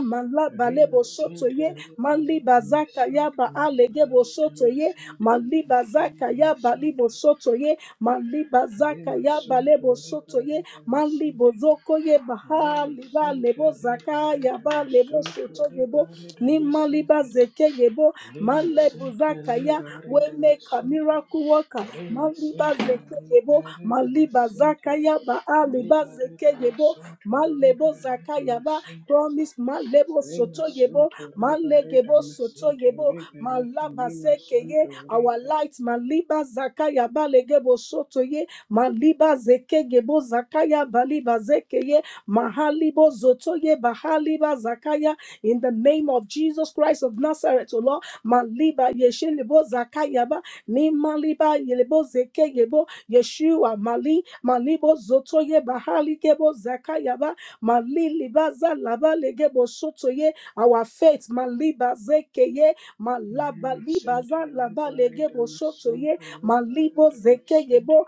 A: Rima
B: Malabalebo Soto
A: Sinte
B: Ye,
A: liberate
B: Maliba Zakaya Ba
A: masunto
B: Alegebo
A: liberate
B: Soto Ye,
A: masinte
B: Maliba
A: Lakini
B: Zakaya Balibo
A: masunto
B: Soto Ye, Maliba
A: Rima
B: Zakaya
A: Sunto
B: Balebo Soto Ye,
A: liberate
B: Mali
A: masinte
B: bozoko ye baha
A: Rima
B: liba
A: Sinte
B: lebo zaka
A: liberate
B: yaba lebo
A: masunto
B: soto yebo
A: liberate
B: ni mali
A: masinte
B: bazeke yebo male
A: Limasanta
B: bozaka ya
A: libare
B: we make a
A: damasunto,
B: miracle worker mali
A: limasanta
B: bazeke yebo
A: libare
B: mali
A: damasente,
B: bazaka ya ba ali
A: libare
B: bazeke yebo
A: damasunto,
B: male
A: libare
B: bozaka yaba
A: damasente,
B: promise male bo soto yebo
A: limasunto
B: male
A: libare
B: gebo soto
A: damasente,
B: yebo
A: rebeleke
B: malaba seke ye
A: mimasunto
B: our
A: libare.
B: light maliba zaka yaba legebo soto ye maliba zeke gebo zakaya baliba zeke ye mahalibo zoto ye bahaliba zakaya in the name of Jesus Christ of Nazareth, O Lord, maliba yeshe lebo zakaya ba ni maliba yelebo zeke gebo Yeshua mali malibo zoto ye bahali gebo zakaya ba maliliba zalaba legebo soto ye our faith maliba zeke ye malaba
A: Rema
B: liba
A: Center
B: zalaba
A: Liberata
B: legebo soto ye
A: Masunto
B: malibo
A: Liberata
B: zeke gebo
A: Masente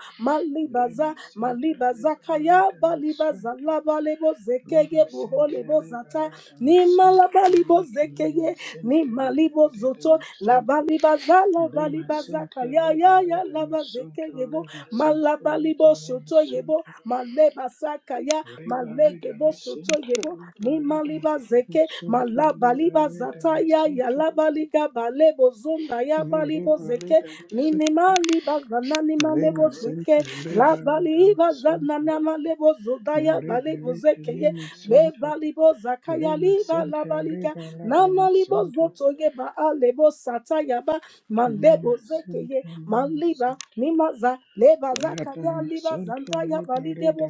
A: Rema
B: malibaza
A: Center
B: malibaza kaya
A: Liberata
B: balibaza labalebo zekege
A: Lima Center
B: buholebo zata
A: Liberata
B: ni
A: Masunto
B: malabalibo
A: Lake Lima
B: zekege ni
A: Center
B: malibo
A: Liberata
B: zoto
A: Masunto
B: labalibaza
A: Lima
B: labalibaza
A: Center
B: kaya ya ya
A: Liberata
B: laba
A: Masunto
B: zekegebo
A: Lima Center Lake
B: malabalibo
A: Lima
B: soto yebo
A: Sunto
B: malebasa kaya
A: Liberata
B: malegebo soto
A: Masunto
B: yebo ni
A: Liberata
B: maliba zeke
A: Masunto
B: malabaliba
A: Liberata
B: zata ya ya
A: Masunto
B: labaliga balebo zonda ya
A: No
B: balibo zeke
A: Liberata Masunto
B: minimali bazanani
A: Lima
B: malebo zeke
A: Center
B: la
A: Liberata
B: bali
A: Masunto
B: bazanana malebo
A: No
B: zodaya
A: Liberata
B: balebo zekeye le
A: Masunto
B: balibo zakaya
A: Lima
B: liba la
A: Center
B: balika na
A: Liberata
B: malibo
A: Masunto
B: zotoye ba alebo sataya ba malebo
A: Lemasente,
B: zekeye maliba
A: lemasente.
B: nimaza leba zakaya liba
A: Radamasonto,
B: zandaya
A: libare,
B: baligebo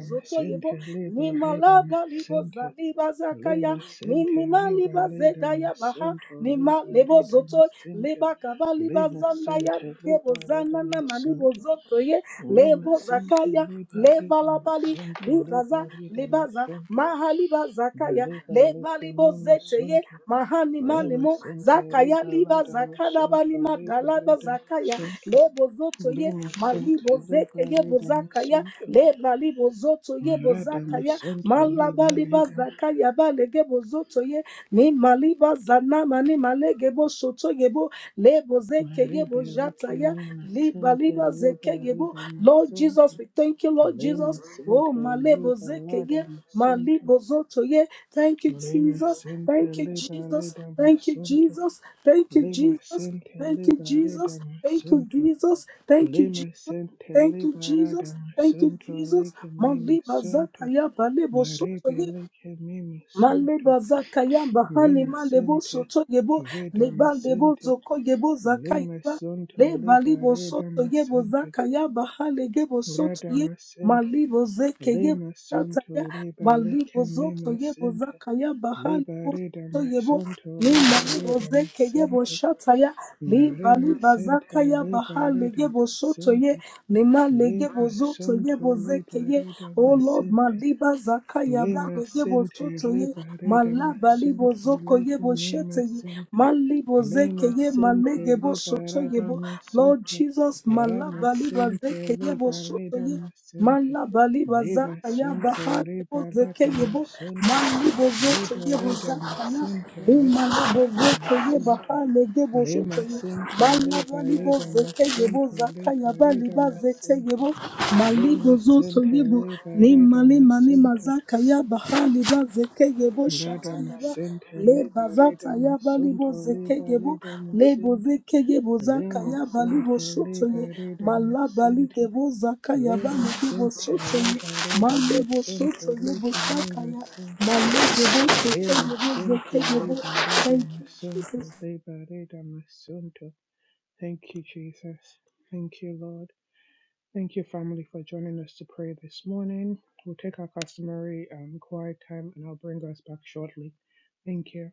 B: bo
A: libare,
B: nimala balibo
A: damasente.
B: zaliba zakaya
A: Lemasente,
B: nimimaliba
A: libare,
B: zedaya baha
A: damasonto,
B: nimalebo
A: libare, damasente.
B: leba kaba liba zanda ya
A: Lemasente,
B: debo
A: libare,
B: zana na malibo
A: damasonto.
B: zoto ye lebo
A: Lemasente,
B: zakaya
A: libare,
B: leba labali
A: damasonto,
B: libaza
A: libare,
B: libaza
A: damasonto.
B: mahaliba zakaya
A: Malibale,
B: leba libo zete ye
A: kemimasonto.
B: mahani manimo
A: Lemasente,
B: zakaya
A: libare,
B: liba zakalaba ni
A: damasonto, libare,
B: madalaba zakaya
A: damasonto.
B: lebo zoto
A: De
B: ye
A: masonto
B: malibo zete ye
A: libare de
B: bozakaya
A: masonto,
B: leba libo zoto ye
A: marada
B: bozakaya
A: masonto
B: malaba
A: libare
B: liba
A: de
B: zakaya ba lege bozoto ye Ni maliba zana mani malegebo soto yebo lebo zeke yebo
A: maribele
B: jataya
A: kene
B: liba
A: masente
B: liba zeke
A: libare
B: yebo.
A: de
B: Lord
A: masonto,
B: Jesus, we thank you, Lord
A: le
B: Jesus. Oh,
A: masente
B: malebo zeke ye
A: libalada masonto,
B: malibo zoto ye. Thank you,
A: le
B: Jesus.
A: masente
B: Thank you,
A: libare
B: Jesus.
A: de
B: Thank you,
A: masonto,
B: Jesus. Thank you,
A: le
B: Jesus.
A: masente
B: Thank you,
A: libare de
B: Jesus. Thank you,
A: masonto,
B: Jesus. Thank you,
A: le
B: Jesus.
A: masente
B: Thank you,
A: libara de
B: Jesus. Thank you, Jesus. Maliba zakaya balebo soto ye.
A: maribele kene masonto.
B: Maleba zaka yamba hani
A: Lima
B: malebo
A: sente,
B: soto yebo leba lebo
A: Lemasente,
B: zoko yebo
A: Redamasente,
B: zaka yaba
A: Lemasonto,
B: leba
A: Leba
B: libo soto yebo
A: Redamasente,
B: zaka yamba hale gebo soto ye
A: Radamasente,
B: malibo zeke yebo shata
A: Lemasonto, Reba
B: malibo zoto yebo
A: Lecanemasente,
B: zaka hale
A: Leba
B: bo soto yebo
A: sente,
B: ni
A: Leba
B: malibo zeke yebo
A: Redamasente,
B: shataya. Liba liba
A: Maremasente,
B: zaka ya
A: Leba
B: baha lege bosoto ye
A: Redamasente,
B: lema lege bozoto ye
A: Lemasonto,
B: bozeke
A: Leba
B: ye. Oh Lord, ma
A: Redamasente,
B: liba zaka ya ba
A: Lima
B: lege
A: Center
B: bosoto ye ma
A: Liberata
B: laba libo
A: Masunto
B: zoko ye
A: Lake
B: boshete
A: Lima
B: ye
A: Center
B: ma libo zeke
A: Lima
B: ye ma
A: Center
B: lege bosoto ye
A: Liberata
B: bo. Lord
A: Masunto
B: Jesus, ma
A: Rama
B: laba liba
A: Center
B: zeke ye bosoto
A: Liberata
B: ye.
A: Masunto
B: Mala bali baza
A: Lima
B: ya
A: Sunto
B: bahari boze
A: Liberata
B: keyebo
A: Masunto
B: mali bozo teye boza
A: Liberata
B: kana
A: Masunto
B: le mala bozo
A: Liberata
B: teye
A: Masunto
B: bahari ge bozo
A: Lima
B: teye
A: Center
B: mala bali
A: Liberata
B: boze keyebo
A: Masunto
B: zaka ya bali
A: Liberata
B: baze
A: Masunto
B: teyebo mali
A: Lima
B: bozo
A: Center
B: teyebo le
A: Liberata
B: mali mani
A: Masunto
B: maza kaya bahari baze keyebo shata
A: Radam
B: ya ba
A: sente
B: le bazata
A: liberadam
B: ya balibo
A: sunto
B: zekegebo
A: liberadam
B: le
A: sente
B: bozekegebo zaka
A: lema
B: ya balibo
A: sente
B: sotoye
A: liberadam sente
B: malabaligebo zaka ya
A: lema
B: baligebo
A: sente
B: sotoye
A: liberadam
B: malebo
A: sunto
B: sotoye bosaka
A: lecanema
B: ya
A: sente
B: malebebo
A: lema
B: sotoyebo
A: sente
B: zekegebo thank
A: liberadam
B: you jesus
A: sunto liberadam sunto. Thank you, Jesus. Thank you, Lord. Thank you, family, for joining us to pray this morning. We'll take our customary um, quiet time and I'll bring us back shortly. Thank you.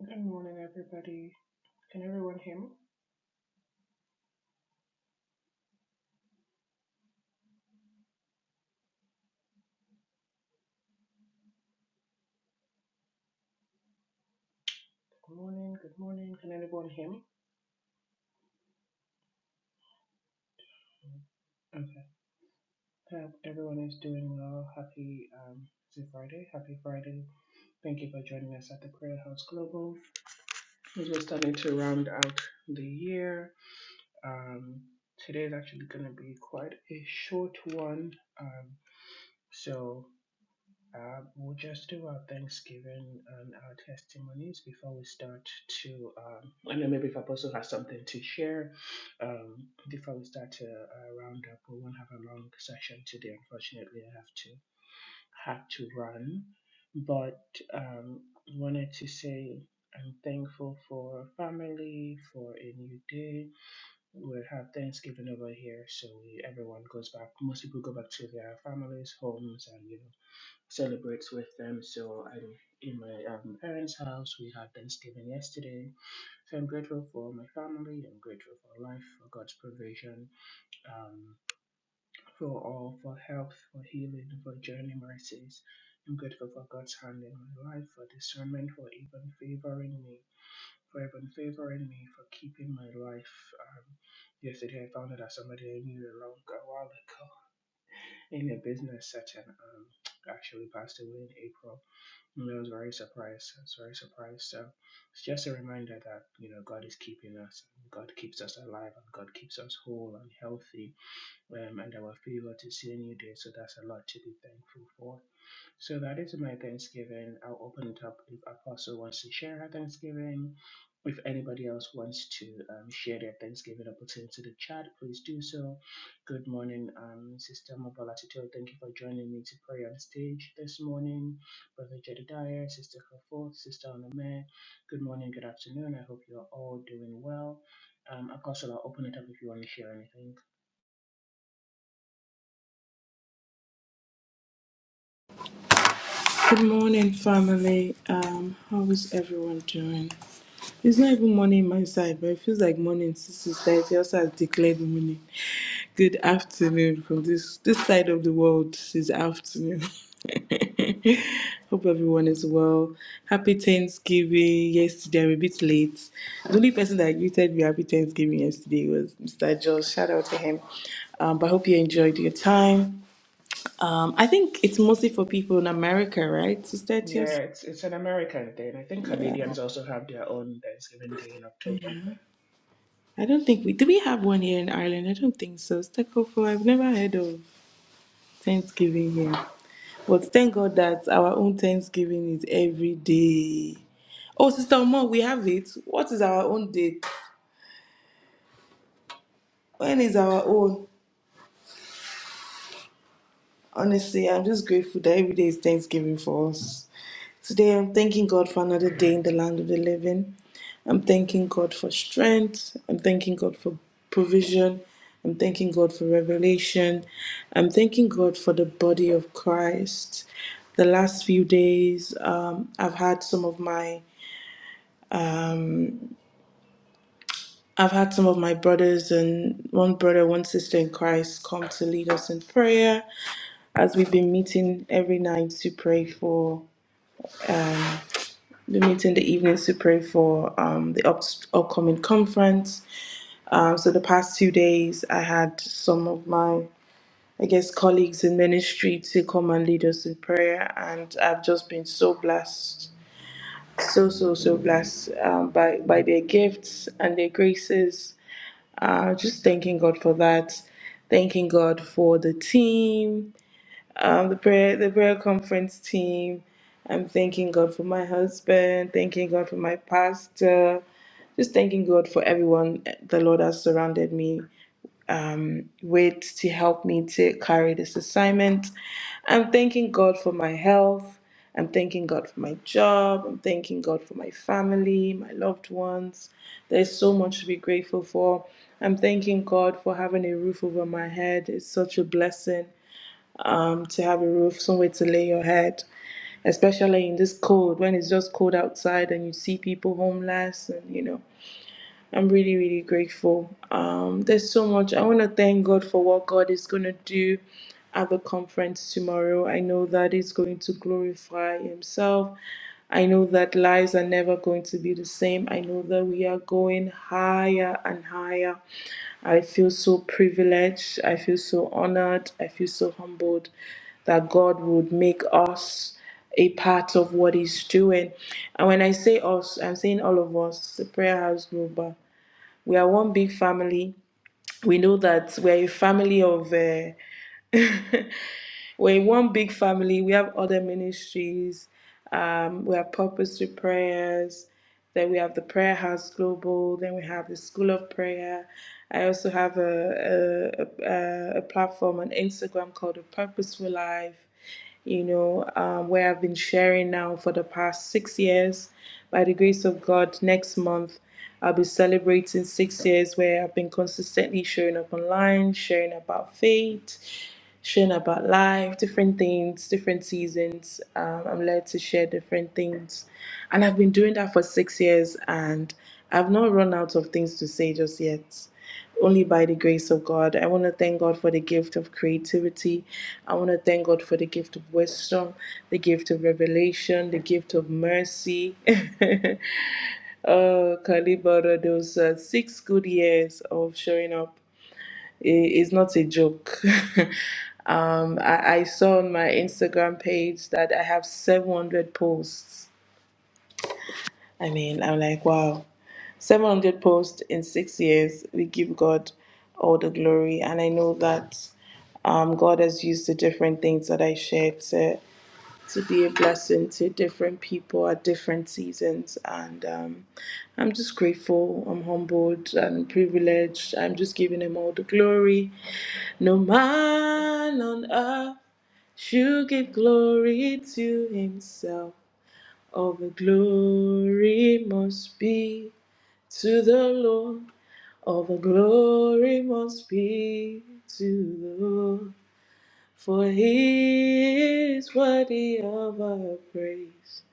A: Good morning, everybody. Can everyone hear me? Good morning, good morning. Can everyone hear me? Okay. Hope everyone is doing well. Happy um, is it Friday? Happy Friday. Thank you for joining us at the Prayer House Global. As we're starting to round out the year, um, today is actually going to be quite a short one. Um, so Um, we'll just do our Thanksgiving and our testimonies before we start to, um, and then maybe if Apostle has something to share, um, before we start to uh, round up, we won't have a long session today. Unfortunately, I have to have to run, but um, wanted to say I'm thankful for family, for a new day. We have Thanksgiving over here, so we, everyone goes back. Most people go back to their families, homes, and you know celebrates with them. So I'm in my um, parents' house. We had Thanksgiving yesterday. So I'm grateful for my family. I'm grateful for life, for God's provision, um, for all, for health, for healing, for journey mercies. I'm grateful for God's hand in my life, for discernment, for even favoring me, for even favoring me, for keeping my life. Um, yesterday, I found out that somebody I knew a long a while ago in a business setting. Um, actually passed away in April. And I was very surprised. I was very surprised. So it's just a reminder that you know God is keeping us. God keeps us alive, and God keeps us whole and healthy, um, and our favor to see a new day. So that's a lot to be thankful for. So that is my Thanksgiving. I'll open it up if Apostle wants to share her Thanksgiving. If anybody else wants to um, share their Thanksgiving or put it into the chat, please do so. Good morning, um, Sister Mabalatito. Thank you for joining me to pray on stage this morning. Brother Jedediah, Sister Kafoth, Sister Onome. Good morning, good afternoon. I hope you're all doing well. Um, Apostle, I'll open it up if you want to share anything.
C: Good morning, family. Um, how is everyone doing? It's not even morning my side, but it feels like morning since it's night. It also has declared morning. Good afternoon from this this side of the world is afternoon. Hope everyone is well. Happy Thanksgiving. Yesterday I'm a bit late. The only person that greeted me happy Thanksgiving yesterday was Mr. Joel. Shout out to him. Um, but I hope you enjoyed your time. Um, I think it's mostly for people in America, right? Sister Etios?
A: Yeah, it's it's an American thing. I think
C: Yeah.
A: Canadians also have their own Thanksgiving Day in October.
C: I don't think we do we have one here in Ireland? I don't think so. Stekofo, I've never heard of Thanksgiving here. But thank God that our own Thanksgiving is every day. Oh, Sister Omo, we have it. What is our own date? When is our own? Honestly, I'm just grateful that every day is Thanksgiving for us. Today, I'm thanking God for another day in the land of the living. I'm thanking God for strength. I'm thanking God for provision. I'm thanking God for revelation. I'm thanking God for the body of Christ. The last few days, um, I've had some of my um, I've had some of my brothers and one brother, one sister in Christ come to lead us in prayer as we've been meeting every night to pray for. The meeting the evenings to pray for um, the up- upcoming conference. Um, so the past two days, I had some of my, I guess, colleagues in ministry to come and lead us in prayer, and I've just been so blessed, so so so blessed um, by by their gifts and their graces. Uh, just thanking God for that. Thanking God for the team um, the prayer the prayer conference team. I'm thanking God for my husband, thanking God for my pastor, just thanking God for everyone the Lord has surrounded me with to help me to carry this assignment. I'm thanking God for my health. I'm thanking God for my job. I'm thanking God for my family, my loved ones. There's so much to be grateful for. I'm thanking God for having a roof over my head. It's such a blessing um, to have a roof, somewhere to lay your head, especially in this cold when it's just cold outside and you see people homeless. And you know, I'm really, really grateful. Um, there's so much. I want to thank God for what God is going to do at the conference tomorrow. I know that He's going to glorify Himself. I know that lives are never going to be the same. I know that we are going higher and higher. I feel so privileged. I feel so honored. I feel so humbled that God would make us a part of what He's doing. And when I say us, I'm saying all of us, the Prayer House Global. We are one big family. We know that we're a family of. uh, we're in one big family. We have other ministries. Um, we have purpose to prayers. Then we have the Prayer House Global. Then we have the School of Prayer. I also have a a, a, a platform on Instagram called the Purposeful Life you know, um, where I've been sharing now for the past six years. By the grace of God, next month I'll be celebrating six years where I've been consistently showing up online, sharing about faith, sharing about life, different things, different seasons. Um, I'm led to share different things. And I've been doing that for six years and I've not run out of things to say just yet only by the grace of God. I want to thank God for the gift of creativity. I want to thank God for the gift of wisdom, the gift of revelation, the gift of mercy. oh, Kalibara, those uh, six good years of showing up i- is not a joke. um, I, I saw on my Instagram page that I have 700 posts. I mean, I'm like, wow. 700 posts in six years. We give God all the glory. And I know that um, God has used the different things that I shared to, to be a blessing to different people at different seasons. And um, I'm just grateful. I'm humbled and privileged. I'm just giving Him all the glory. No man on earth should give glory to Himself. All the glory must be to the Lord. All the glory must be to the Lord, for he is worthy of our praise.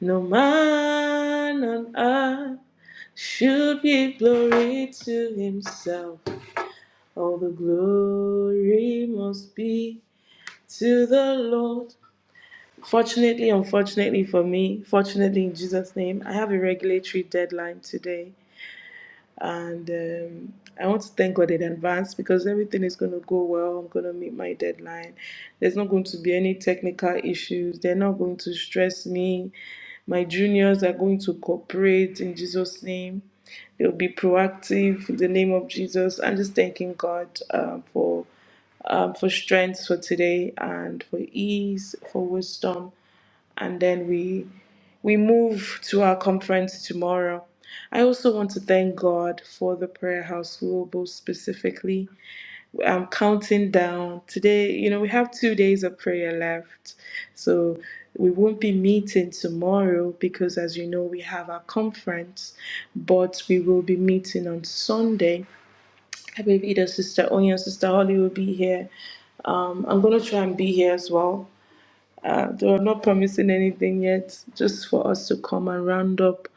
C: No man on earth should give glory to himself. All the glory must be to the Lord. Fortunately, unfortunately for me, fortunately in Jesus' name, I have a regulatory deadline today. And um, I want to thank God in advance because everything is going to go well. I'm going to meet my deadline. There's not going to be any technical issues. They're not going to stress me. My juniors are going to cooperate in Jesus' name. They'll be proactive in the name of Jesus. I'm just thanking God um, for um, for strength for today and for ease, for wisdom and then we we move to our conference tomorrow. I also want to thank God for the Prayer House Global specifically. I'm counting down. Today, you know, we have two days of prayer left. So we won't be meeting tomorrow because, as you know, we have our conference, but we will be meeting on Sunday. I believe either Sister Onya, Sister Holly will be here. Um, I'm going to try and be here as well uh, they were not promising anything yet, just for us to come and round up.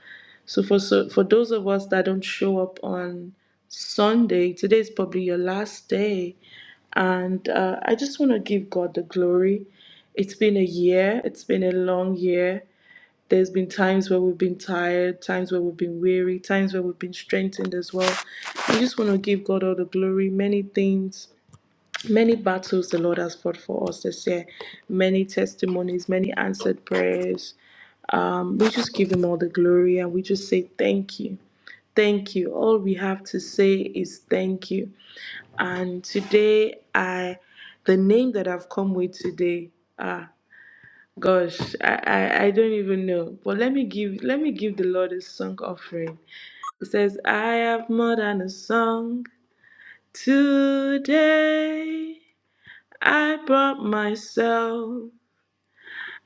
C: So for so for those of us that don't show up on Sunday, today is probably your last day, and uh, I just want to give God the glory. It's been a year. It's been a long year. There's been times where we've been tired, times where we've been weary, times where we've been strengthened as well. I just want to give God all the glory. Many things Many battles the Lord has fought for us this year, many testimonies, many answered prayers. Um, we just give Him all the glory and we just say thank you. Thank you. All we have to say is thank you. And today, I, the name that I've come with today, ah, gosh, I, I, I don't even know. But let me give, let me give the Lord a song offering. It says, I have more than a song today. I brought myself.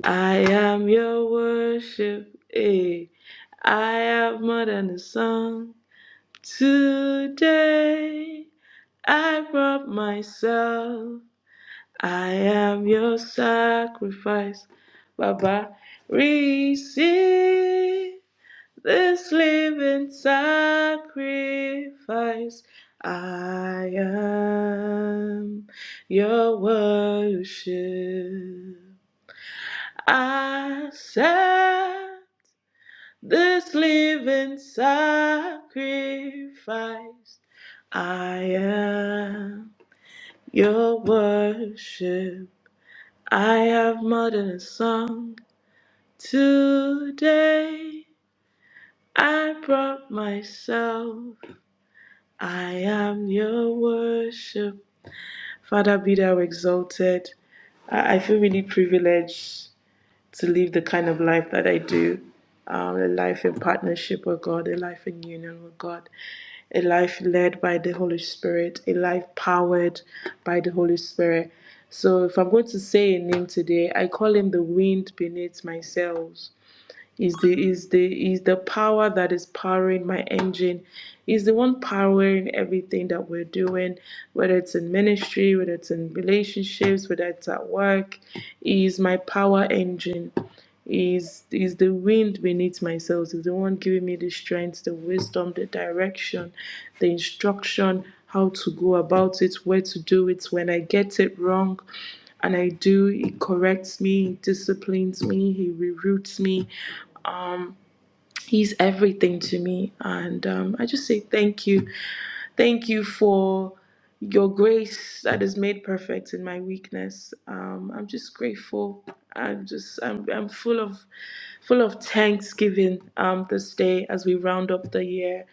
C: I am your worship. eh. I have more than a song. Today I brought myself. I am your sacrifice. Baba, receive this living sacrifice. I am your worship. I said this living sacrifice. I am your worship. I have more than a song. Today I brought myself. I am your worship. Father, be thou exalted. I I feel really privileged to live the kind of life that I do um, a life in partnership with God, a life in union with God, a life led by the Holy Spirit, a life powered by the Holy Spirit. So, if I'm going to say a name today, I call him the wind beneath my sails is the is the is the power that is powering my engine is the one powering everything that we're doing whether it's in ministry whether it's in relationships whether it's at work is my power engine is is the wind beneath my sails is the one giving me the strength the wisdom the direction the instruction how to go about it where to do it when i get it wrong and i do he corrects me he disciplines me he reroutes me He's everything to me. And um, I just say thank you. Thank you for your grace that is made perfect in my weakness. Um, I'm just grateful. I'm just I'm I'm full of full of thanksgiving um, this day as we round up the year.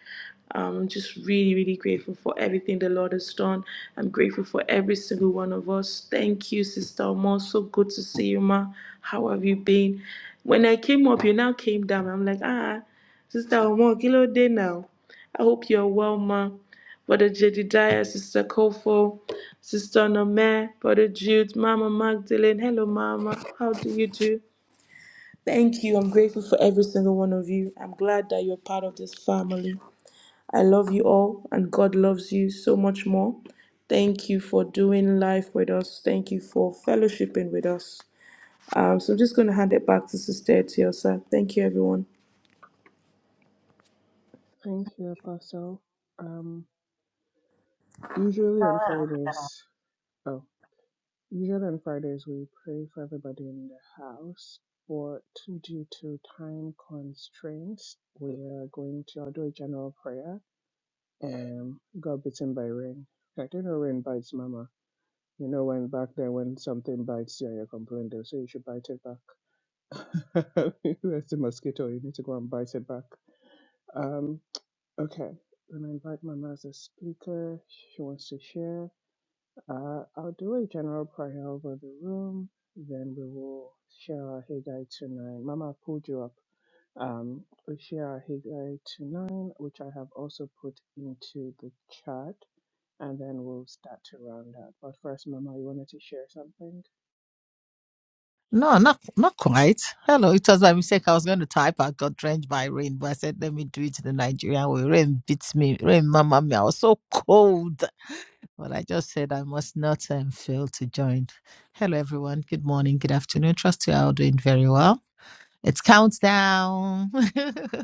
C: Um, I'm just really, really grateful for everything the Lord has done. I'm grateful for every single one of us. Thank you, Sister Omo. So good to see you, Ma. How have you been? When I came up, you now came down. I'm like, ah, Sister Omo, kilo day now. I hope you're well, ma. Brother Jedidiah, Sister Kofo, Sister Nome, Brother Jude, Mama Magdalene. Hello, Mama. How do you do? Thank you. I'm grateful for every single one of you. I'm glad that you're part of this family. I love you all, and God loves you so much more. Thank you for doing life with us. Thank you for fellowshipping with us. Um, so I'm just going to hand it back to Sister Etiosa. Thank you, everyone.
A: Thank you, Apostle. Um, usually on Fridays, oh, usually on Fridays we pray for everybody in the house, but due to time constraints, we are going to I'll do a general prayer. Um, got bitten by rain. I don't know rain bites, Mama. You know when back then when something bites you and you complain, they'll say you should bite it back. There's the mosquito. You need to go and bite it back. Um, Okay, then I invite Mama as a speaker. She wants to share. Uh, I'll do a general prayer over the room. Then we will share our Haggai to nine. Mama I pulled you up. Um, we share our Haggai to nine, which I have also put into the chat, and then we'll start to round up. But first, Mama, you wanted to share something.
D: No, not not quite. Hello, it was my mistake. I was going to type. I got drenched by rain, but I said, let me do it the Nigerian way. Rain beats me. Rain, mama me. I was so cold, but I just said I must not um, fail to join. Hello, everyone. Good morning. Good afternoon. Trust you are all doing very well. It's countdown.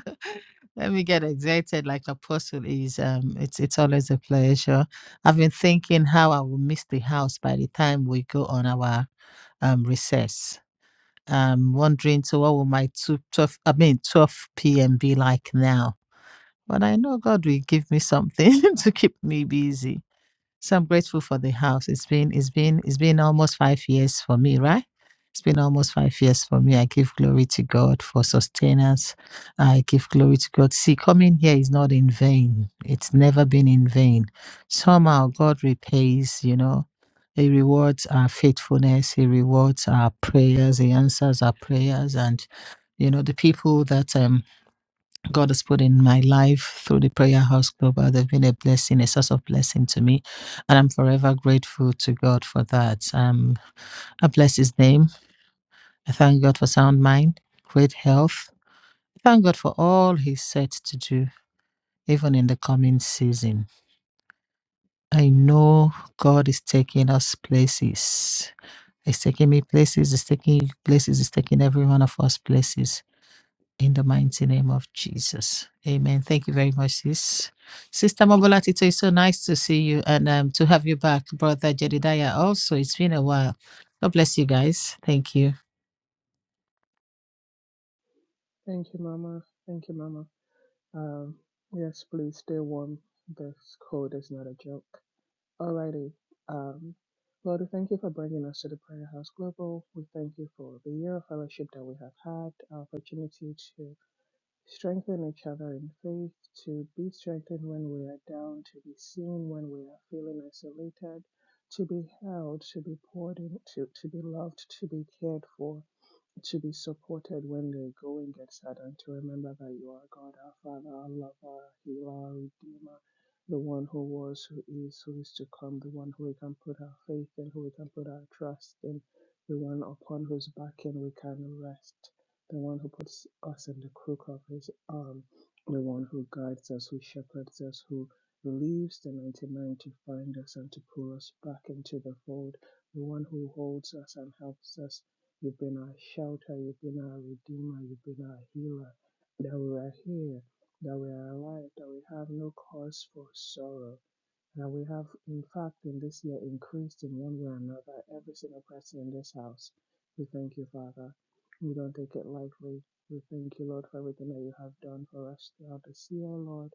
D: let me get excited like Apostle is. Um, it's it's always a pleasure. I've been thinking how I will miss the house by the time we go on our um recess I'm wondering, so what will my two twelve, I mean, 12 p.m. be like now? But I know God will give me something to keep me busy. So I'm grateful for the house. It's been it's been it's been almost five years for me, right? It's been almost five years for me. I give glory to God for sustenance. I give glory to God. See, coming here is not in vain. It's never been in vain. Somehow God repays, you know. He rewards our faithfulness. He rewards our prayers. He answers our prayers. And, you know, the people that um God has put in my life through the Prayer House Global. They've been a blessing, a source of blessing to me. And I'm forever grateful to God for that. Um, I bless His name. I thank God for sound mind, great health. I Thank God for all He's set to do, even in the coming season. I know God is taking us places. He's taking me places, He's taking you places, He's taking every one of us places. in the mighty name of Jesus. Amen. Thank you very much, sis. Sister Mobolatito, it's so nice to see you and um, to have you back, Brother Jedidiah. Also, it's been a while. God bless you guys. Thank you.
A: Thank you, Mama. Thank you, Mama. Um, yes, please stay warm. This cold is not a joke. Alrighty. Um, Lord, we thank you for bringing us to the Prayer House Global. We thank you for the year of fellowship that we have had, our opportunity to strengthen each other in faith, to be strengthened when we are down, to be seen when we are feeling isolated, to be held, to be poured into, to be loved, to be cared for to be supported when the going gets hard and to remember that you are God, our Father, our lover, healer, our redeemer, the one who was, who is, who is to come, the one who we can put our faith in, who we can put our trust in, the one upon whose backing we can rest, the one who puts us in the crook of his arm, the one who guides us, who shepherds us, who leaves the 99 to find us and to pull us back into the fold, the one who holds us and helps us You've been our shelter. You've been our redeemer. You've been our healer. That we are here, that we are alive, that we have no cause for sorrow. That we have, in fact, in this year increased in one way or another, every single person in this house. We thank you, Father. We don't take it lightly. We thank you, Lord, for everything that you have done for us throughout this year, Lord.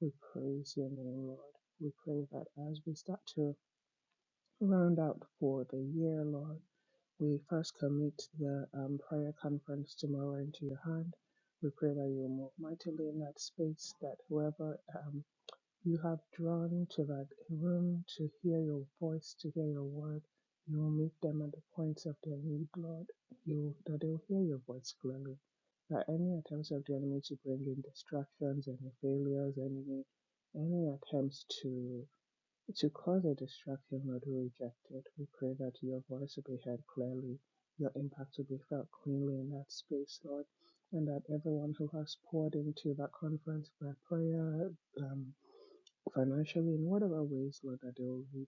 A: We praise your name, Lord. We pray that as we start to round out for the year, Lord. We first commit the um, prayer conference tomorrow into your hand. We pray that you will move mightily in that space, that whoever um, you have drawn to that room to hear your voice, to hear your word, you will meet them at the points of their need, Lord. You, that they will hear your voice clearly. That any attempts of the enemy to bring in distractions, any failures, any any attempts to to cause a distraction or to reject it, we pray that your voice will be heard clearly, your impact will be felt cleanly in that space, Lord, and that everyone who has poured into that conference by prayer, um, financially, in whatever ways, Lord, that they will reap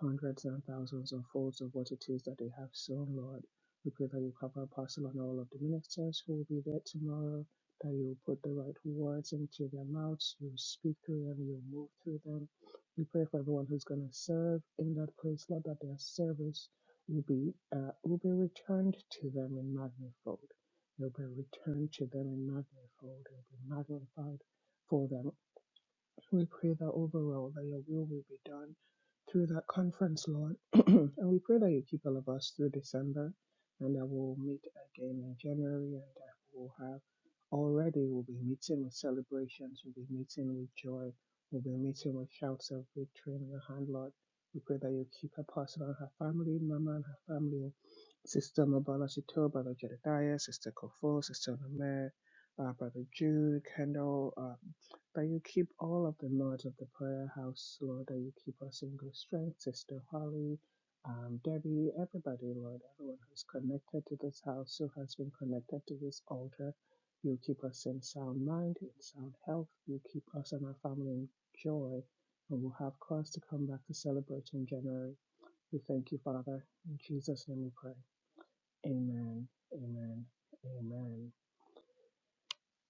A: hundreds and thousands or folds of what it is that they have sown, Lord. We pray that you cover Apostle and all of the ministers who will be there tomorrow, that you will put the right words into their mouths, you will speak through them, you will move through them. We pray for everyone who's going to serve in that place, Lord, that their service will be, uh, will be returned to them in magnifold. It will be returned to them in magnifold. It will be magnified for them we pray that overall that your will will be done through that conference, Lord. and we pray that you keep all of us through December and that we'll meet again in January and that we'll have already we'll be meeting with celebrations, we'll be meeting with joy, we'll be meeting with shouts of victory in your hand, Lord. We pray that you keep her pastor and her family, Mama and her family Sister Mabala Shito, Brother Jedediah, Sister Kofo, Sister Namir, uh, Brother Jude, Kendall, uh, that you keep all of the mods of the prayer house, Lord, that you keep us in good strength, Sister Holly, um, Debbie, everybody, Lord, everyone who's connected to this house, who has been connected to this altar. You keep us in sound mind, in sound health. You keep us and our family in joy, and we'll have cause to come back to celebrate in January. We thank you, Father. In Jesus' name we pray. Amen. Amen. Amen.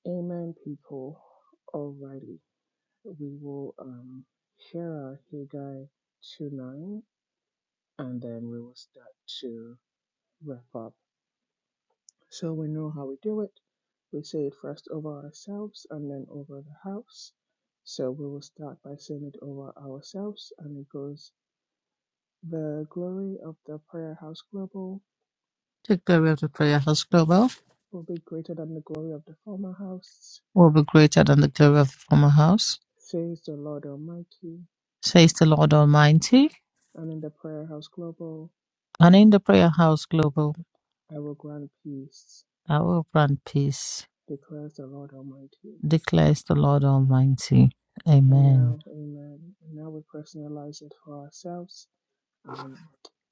A: Amen, people. Alrighty. We will um hear our Haggai 2 9 and then we will start to wrap up. So we know how we do it. We say it first over ourselves and then over the house. So we will start by saying it over ourselves and it goes the glory of the prayer house global
D: The glory of the Prayer House Global
A: will be greater than the glory of the former house,
D: will be greater than the glory of the former house,
A: says the Lord Almighty.
D: says the Lord Almighty.
A: And in the Prayer House Global,
D: And in the Prayer House Global,
A: I will grant peace,
D: I will grant peace,
A: declares the Lord Almighty.
D: declares the Lord Almighty.
A: And
D: Amen.
A: now, amen. And now we personalize it for ourselves. Um,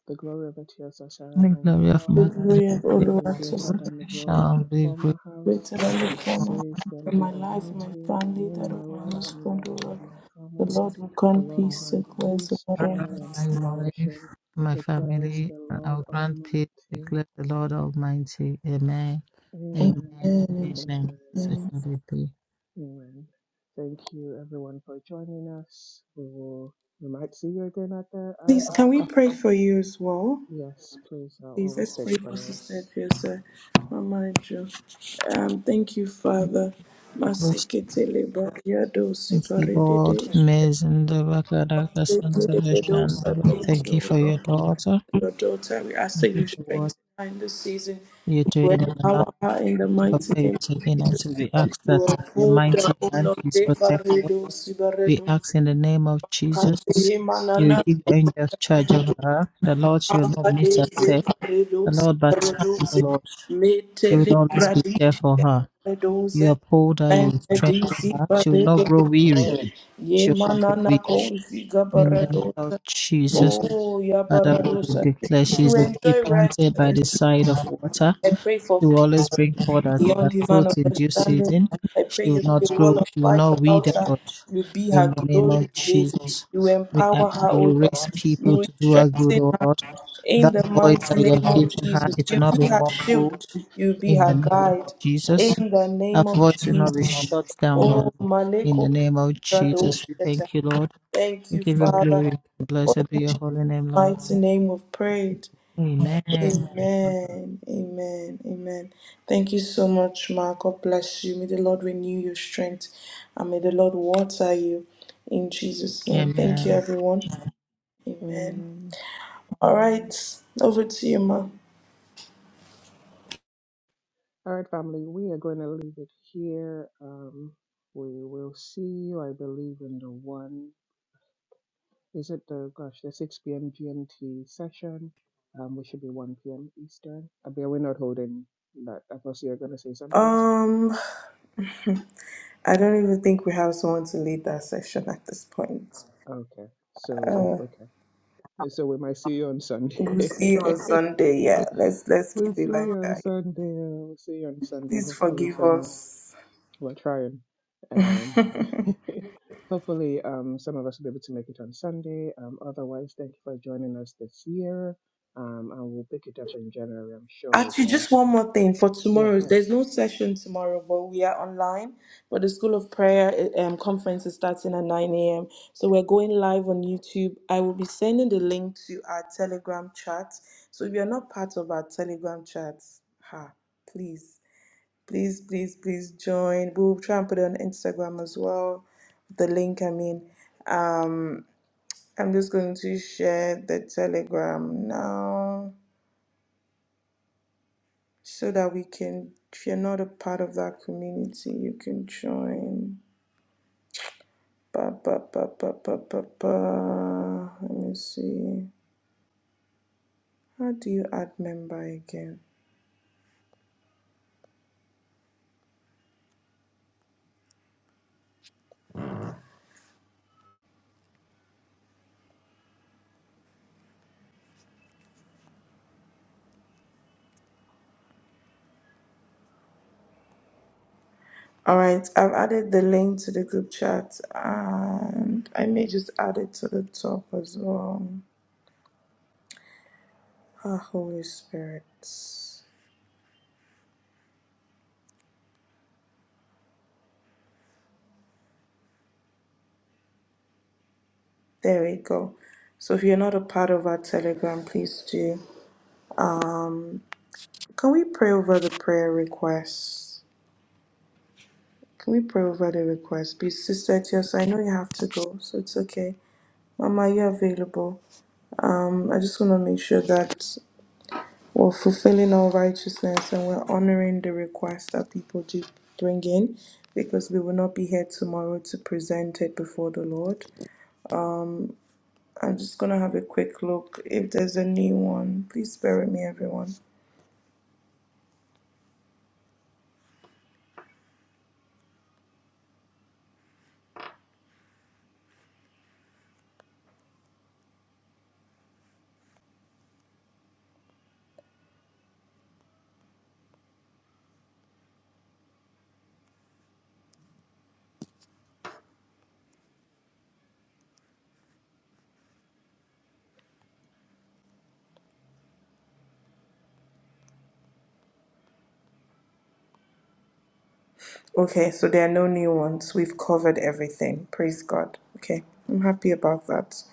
A: the glory of Etiosashara
D: The glory of
A: Mahal
C: The
D: my
C: glory of
A: will be greater
C: Oluwatosin.
A: than the glory of
D: shall
A: the
D: be
A: former house,
C: Greater than the former
A: says the
C: in my
A: Lord
C: life, in my
A: Almighty. And
C: family,
A: in
C: that
A: my
C: of my
A: life
D: great.
A: and the
C: husband,
A: life
C: O
A: of
C: Lord.
A: my
C: The
A: family,
C: Lord will
A: the
C: grant
A: Lord
C: peace to
A: grant
C: cleanse the
A: peace,
C: Lord
D: I,
A: joy, and
C: Almighty.
D: my life,
A: flourishing,
D: my
A: declares
D: family,
A: the
D: and
A: Lord
D: our grand peace
A: Almighty.
D: declare the Lord Almighty. Amen.
C: Amen.
A: Amen.
D: Amen.
C: In Jesus'
D: Amen.
A: Amen.
D: Such
C: name.
D: will it be.
A: Amen. Thank you, everyone, for joining us. We will. We might see you again at the. Um.
C: Please, can we
A: ah,
C: pray for you as well?
A: yes, please. I'll
C: Please,
A: always
C: let's
A: take
C: pray for Sister
A: prayers.
C: Piosa. Mama Jo. Um, thank you, Father.
D: Because
C: Masekete lebo yado
D: of the Lord,
C: sibaredede. shete,
D: amazing, the Bakadaka Santa
C: Masekete lebo
D: Vision,
C: sa- Thank
D: thank
C: you,
D: you
C: O
D: for
C: Lord.
D: your daughter.
C: your daughter. We ask that
D: Thank you
C: you
D: for what
C: strengthen her in this season.
D: you're
C: You
D: doing in the life.
C: empower her in the
D: Thank you for
C: mighty
D: where you're
C: name.
D: taking her to. We ask that
C: You
D: your
C: uphold her,
D: mighty
C: O
D: hand
C: Lord.
D: is protected.
C: Devaredo,
D: We
C: Sibaredo,
D: ask in the name of Jesus,
C: Kate,
D: you will
C: Manana,
D: give angels charge of her. The Lord, she will not miss a
C: Abade,
D: step. The
C: Zeparedo,
D: Lord, but time, O
C: Sibaredo,
D: Lord, you will
C: Metele,
D: always be there
C: Bradish,
D: for her. You
C: Redoze,
D: uphold her, you strengthen
C: Menedizi,
D: her. She will not grow weary.
C: Baredo, Ye
D: She will not grow
C: Manana,
D: weak.
C: Kozi,
D: In the name of
C: Gabaredoze.
D: Jesus,
C: Oh,
D: Father,
C: Yabaradosa.
D: we declare she is
C: To
D: a tree
C: enjoy rest,
D: planted by the side of water.
C: I pray
D: She
C: for
D: will
C: peace
D: always bring forth her,
C: beyond
D: her
C: human
D: fruit in due
C: understanding.
D: season.
C: I pray
D: She will
C: you be
D: not
C: a wall
D: grow,
C: of
D: she will
C: fire
D: not
C: about
D: wither,
C: her.
D: Lord.
C: You be her
D: In the name
C: glory
D: of
C: today.
D: Jesus,
C: You
D: we ask
C: empower her,
D: you
C: O
D: to raise
C: Lord. You
D: people
C: will
D: to do her good,
C: strengthen
D: O
C: her
D: Lord.
C: in
D: That
C: the
D: voice
C: mighty
D: I
C: name
D: have
C: of
D: given her,
C: Jesus.
D: it will
C: You
D: not be
C: be her shield.
D: muffled
C: You be
D: in the
C: her
D: name of
C: guide
D: Jesus.
C: in the
D: Her
C: name of
D: voice will not be
C: Jesus.
D: shut down, Lord.
C: Oh,
D: In the
C: Maleko
D: name of Jesus, we
C: Radosheta.
D: thank you, Lord.
C: Thank
D: We
C: you,
D: give you
C: Father.
D: glory.
C: For
D: Blessed be
C: in
D: your
C: Jesus'
D: holy name, Lord.
C: mighty name we've prayed.
D: Amen.
C: Amen. Amen. Amen. Thank you so much, Ma. God bless you. May the Lord renew your strength and may the Lord water you in Jesus' name. Thank you,
D: Amen.
C: everyone. Amen.
A: Amen.
C: All right. Over to you, Ma.
A: All right, family. We are going to leave it here. Um. We will see you, I believe, in the one. Is it the gosh the six p.m. GMT session? Um. We should be one p.m. Eastern. I mean, we're not holding that. I thought you were going to say something.
C: Um, I don't even think we have someone to lead that session at this point.
A: Okay. So
C: Uh,
A: okay. So we might see you on
C: we'll
A: Sunday.
C: see you on Sunday. Yeah, let's let's
A: We'll
C: keep it
A: see
C: like
A: you on
C: that.
A: Sunday. uh, We'll see you on Sunday.
C: Please
A: Hopefully,
C: forgive
A: some uh,
C: us.
A: we're trying. Um, hopefully, um, some of us will be able to make it on Sunday. Um, otherwise, thank you for joining us this year. Um, and we'll pick it up in January. I'm sure you'll be
C: Actually,
A: on.
C: just one more thing for tomorrow. There's
A: Yes.
C: no session tomorrow, but we are online. But the School of Prayer eh, um, conference is starting at 9 a.m. So we're going live on YouTube. I will be sending the link to our Telegram chat. So if you're not part of our Telegram chat, ha, please, please, please, please join. We will try and put it on Instagram as well. The link, I mean. Um, I'm just going to share the Telegram now. so that we can if you're not a part of that community you can join ba ba ba ba ba ba ba let me see how do you add member again all right i've added the link to the group chat and i may just add it to the top as well ah holy spirit there we go so if you're not a part of our telegram please do can we pray over the prayer requests Can we pray over the request? Please, Sister Tios, I know you have to go, so it's okay. Mama, you're available. Um, I just want to make sure that we're fulfilling all righteousness and we're honoring the request that people do bring in because we will not be here tomorrow to present it before the Lord. I'm just going to have a quick look. If there's a new one, please bear with me, everyone. Okay, so there are no new ones. We've covered everything. Praise God. Okay, I'm happy about that.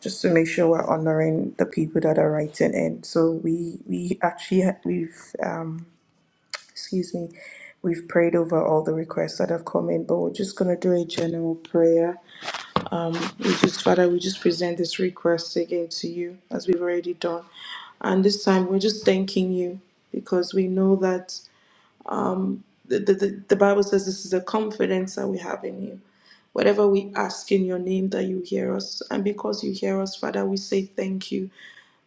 C: just to make sure we're honoring the people that are writing in. So we we actually ha- we've um excuse me, we've prayed over all the requests that have come in, but we're just gonna do a general prayer. We just Father, we just present this request again to you as we've already done, and this time we're just thanking you because we know that um, the, the, the the Bible says this is a confidence that we have in you. Whatever we ask in your name, that you hear us. And because you hear us, Father, we say thank you.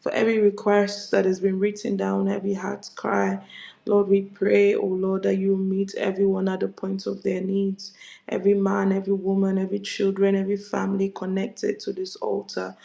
C: For every request that has been written down, every heart's cry, Lord, we pray, oh Lord, that you meet everyone at the point of their needs. Every man, every woman, every children, every family connected to this altar.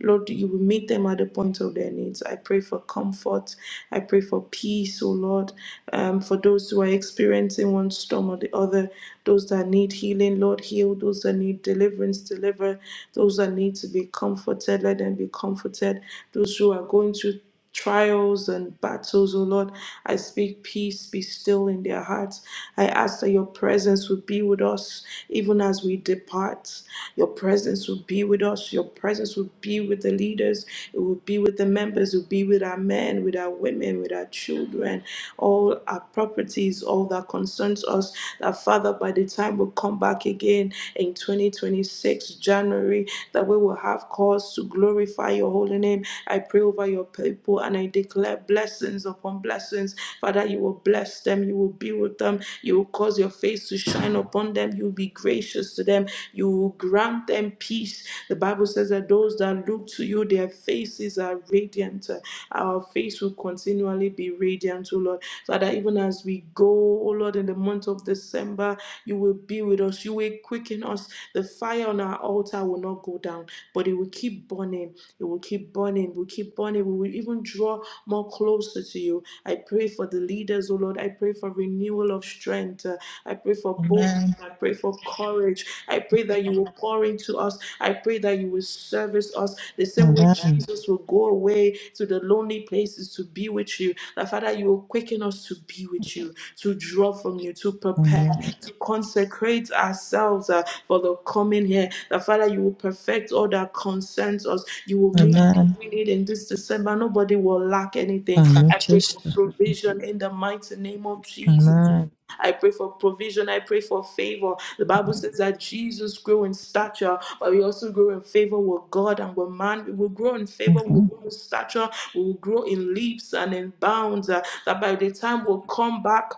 C: Lord, you will meet them at the point of their needs. I pray for comfort. I pray for peace, oh Lord, um, for those who are experiencing one storm or the other, those that need healing, Lord, heal. Those that need deliverance, deliver. Those that need to be comforted, let them be comforted those who are going through trials and battles, oh Lord. I speak peace be still in their hearts. I ask that your presence would be with us even as we depart. Your presence would be with us. Your presence would be with the leaders. It would be with the members. It would be with our men, with our women, with our children all our properties, all that concerns us. That Father, by the time we come back again in 2026, January, that we will have cause to glorify your holy name. I pray over your people and I declare blessings upon blessings. Father, you will bless them, you will be with them, you will cause your face to shine upon them, you will be gracious to them, you will grant them peace. The Bible says that those that look to you, their faces are radiant. Our face will continually be radiant, O Lord. Father, even as we go, oh Lord, in the month of December, you will be with us. You will quicken us. The fire on our altar will not go down, but it will keep burning. It will keep burning. We'll keep burning. We will even draw more closer to you. I pray for the leaders, oh Lord. I pray for renewal of strength. Uh, I pray for boldness.
D: Amen.
C: I pray for courage. I pray that you will pour into us. I pray that you will service us the same way
D: Amen.
C: Jesus will go away to the lonely places to be with you that Father, you will quicken us to be with you, to draw from you, to prepare,
D: Amen.
C: to consecrate ourselves uh, for the coming here. That Father, you will perfect all that concerns us. You will meet
D: Amen.
C: every need in this December. Nobody will lack anything.
D: Amen.
C: I pray for
D: Jesus.
C: provision in the mighty name of Jesus.
D: Amen.
C: I pray for provision. I pray for favor. The Bible says that Jesus grew in stature, but we also grow in favor with God and with man. We will grow in favor, we will
D: Mhm.
C: grow in stature, we will grow in leaps and in bounds. uh, that by the time we'll come back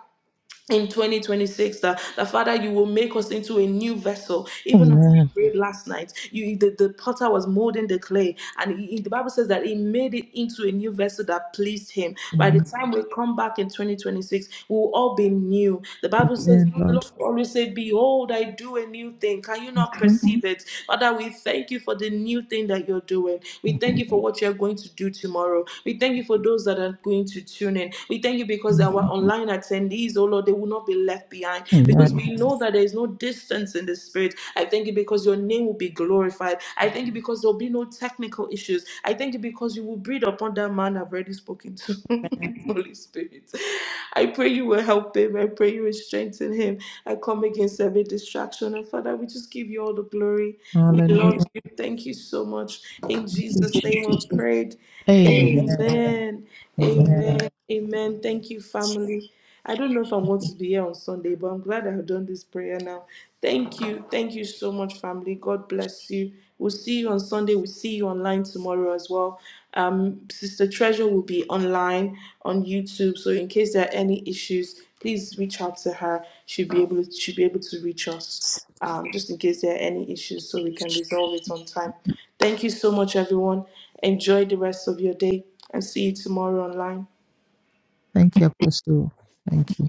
C: in 2026 that, that father you will make us into a new vessel even as we
D: Amen.
C: prayed last night you the, the potter was molding the clay and he- the bible says that he made it into a new vessel that pleased him by the
D: Amen.
C: time we come back in 2026 we will all be new the bible
D: Dear
C: says you the
D: Lord.
C: lord always say behold i do a new thing can you not
D: Mhm.
C: perceive it father we thank you for the new thing that you're doing we thank you for what you are going to do tomorrow. We thank you for those that are going to tune in. We thank you because our
D: Mhm.
C: online attendees, oh Lord, they will not be left behind because
D: Amen.
C: we know that there is no distance in the spirit. I thank you because your name will be glorified. I thank you because there will be no technical issues. I thank I thank you because you will breathe upon that man I've already spoken to. Holy Spirit. I pray you will help him. I pray you will strengthen him. I come against every distraction. And Father, we just give you all the glory. We
D: Hallelujah.
C: love you. Thank you so much. In
D: Thank you,
C: Jesus'
D: Jesus.
C: name we prayed.
D: Amen.
C: Amen. Amen.
D: Amen.
C: Amen. Thank you, family. I don't know if I'm going to be here on Sunday, but I'm glad I've done this prayer now. Thank you. Thank you so much, family. God bless you. We'll see you on Sunday. We'll see you online tomorrow as well. Um, Sister Treasure will be online on YouTube. So in case there are any issues, please reach out to her. She'll be able to she'll be able to reach us um, just in case there are any issues so we can resolve it on time. Thank you so much, everyone. Enjoy the rest of your day and see you tomorrow online.
D: Thank you, Apostle. Thank you.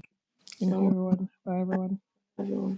C: you
A: Thank you, everyone. Bye, everyone.
C: Everyone.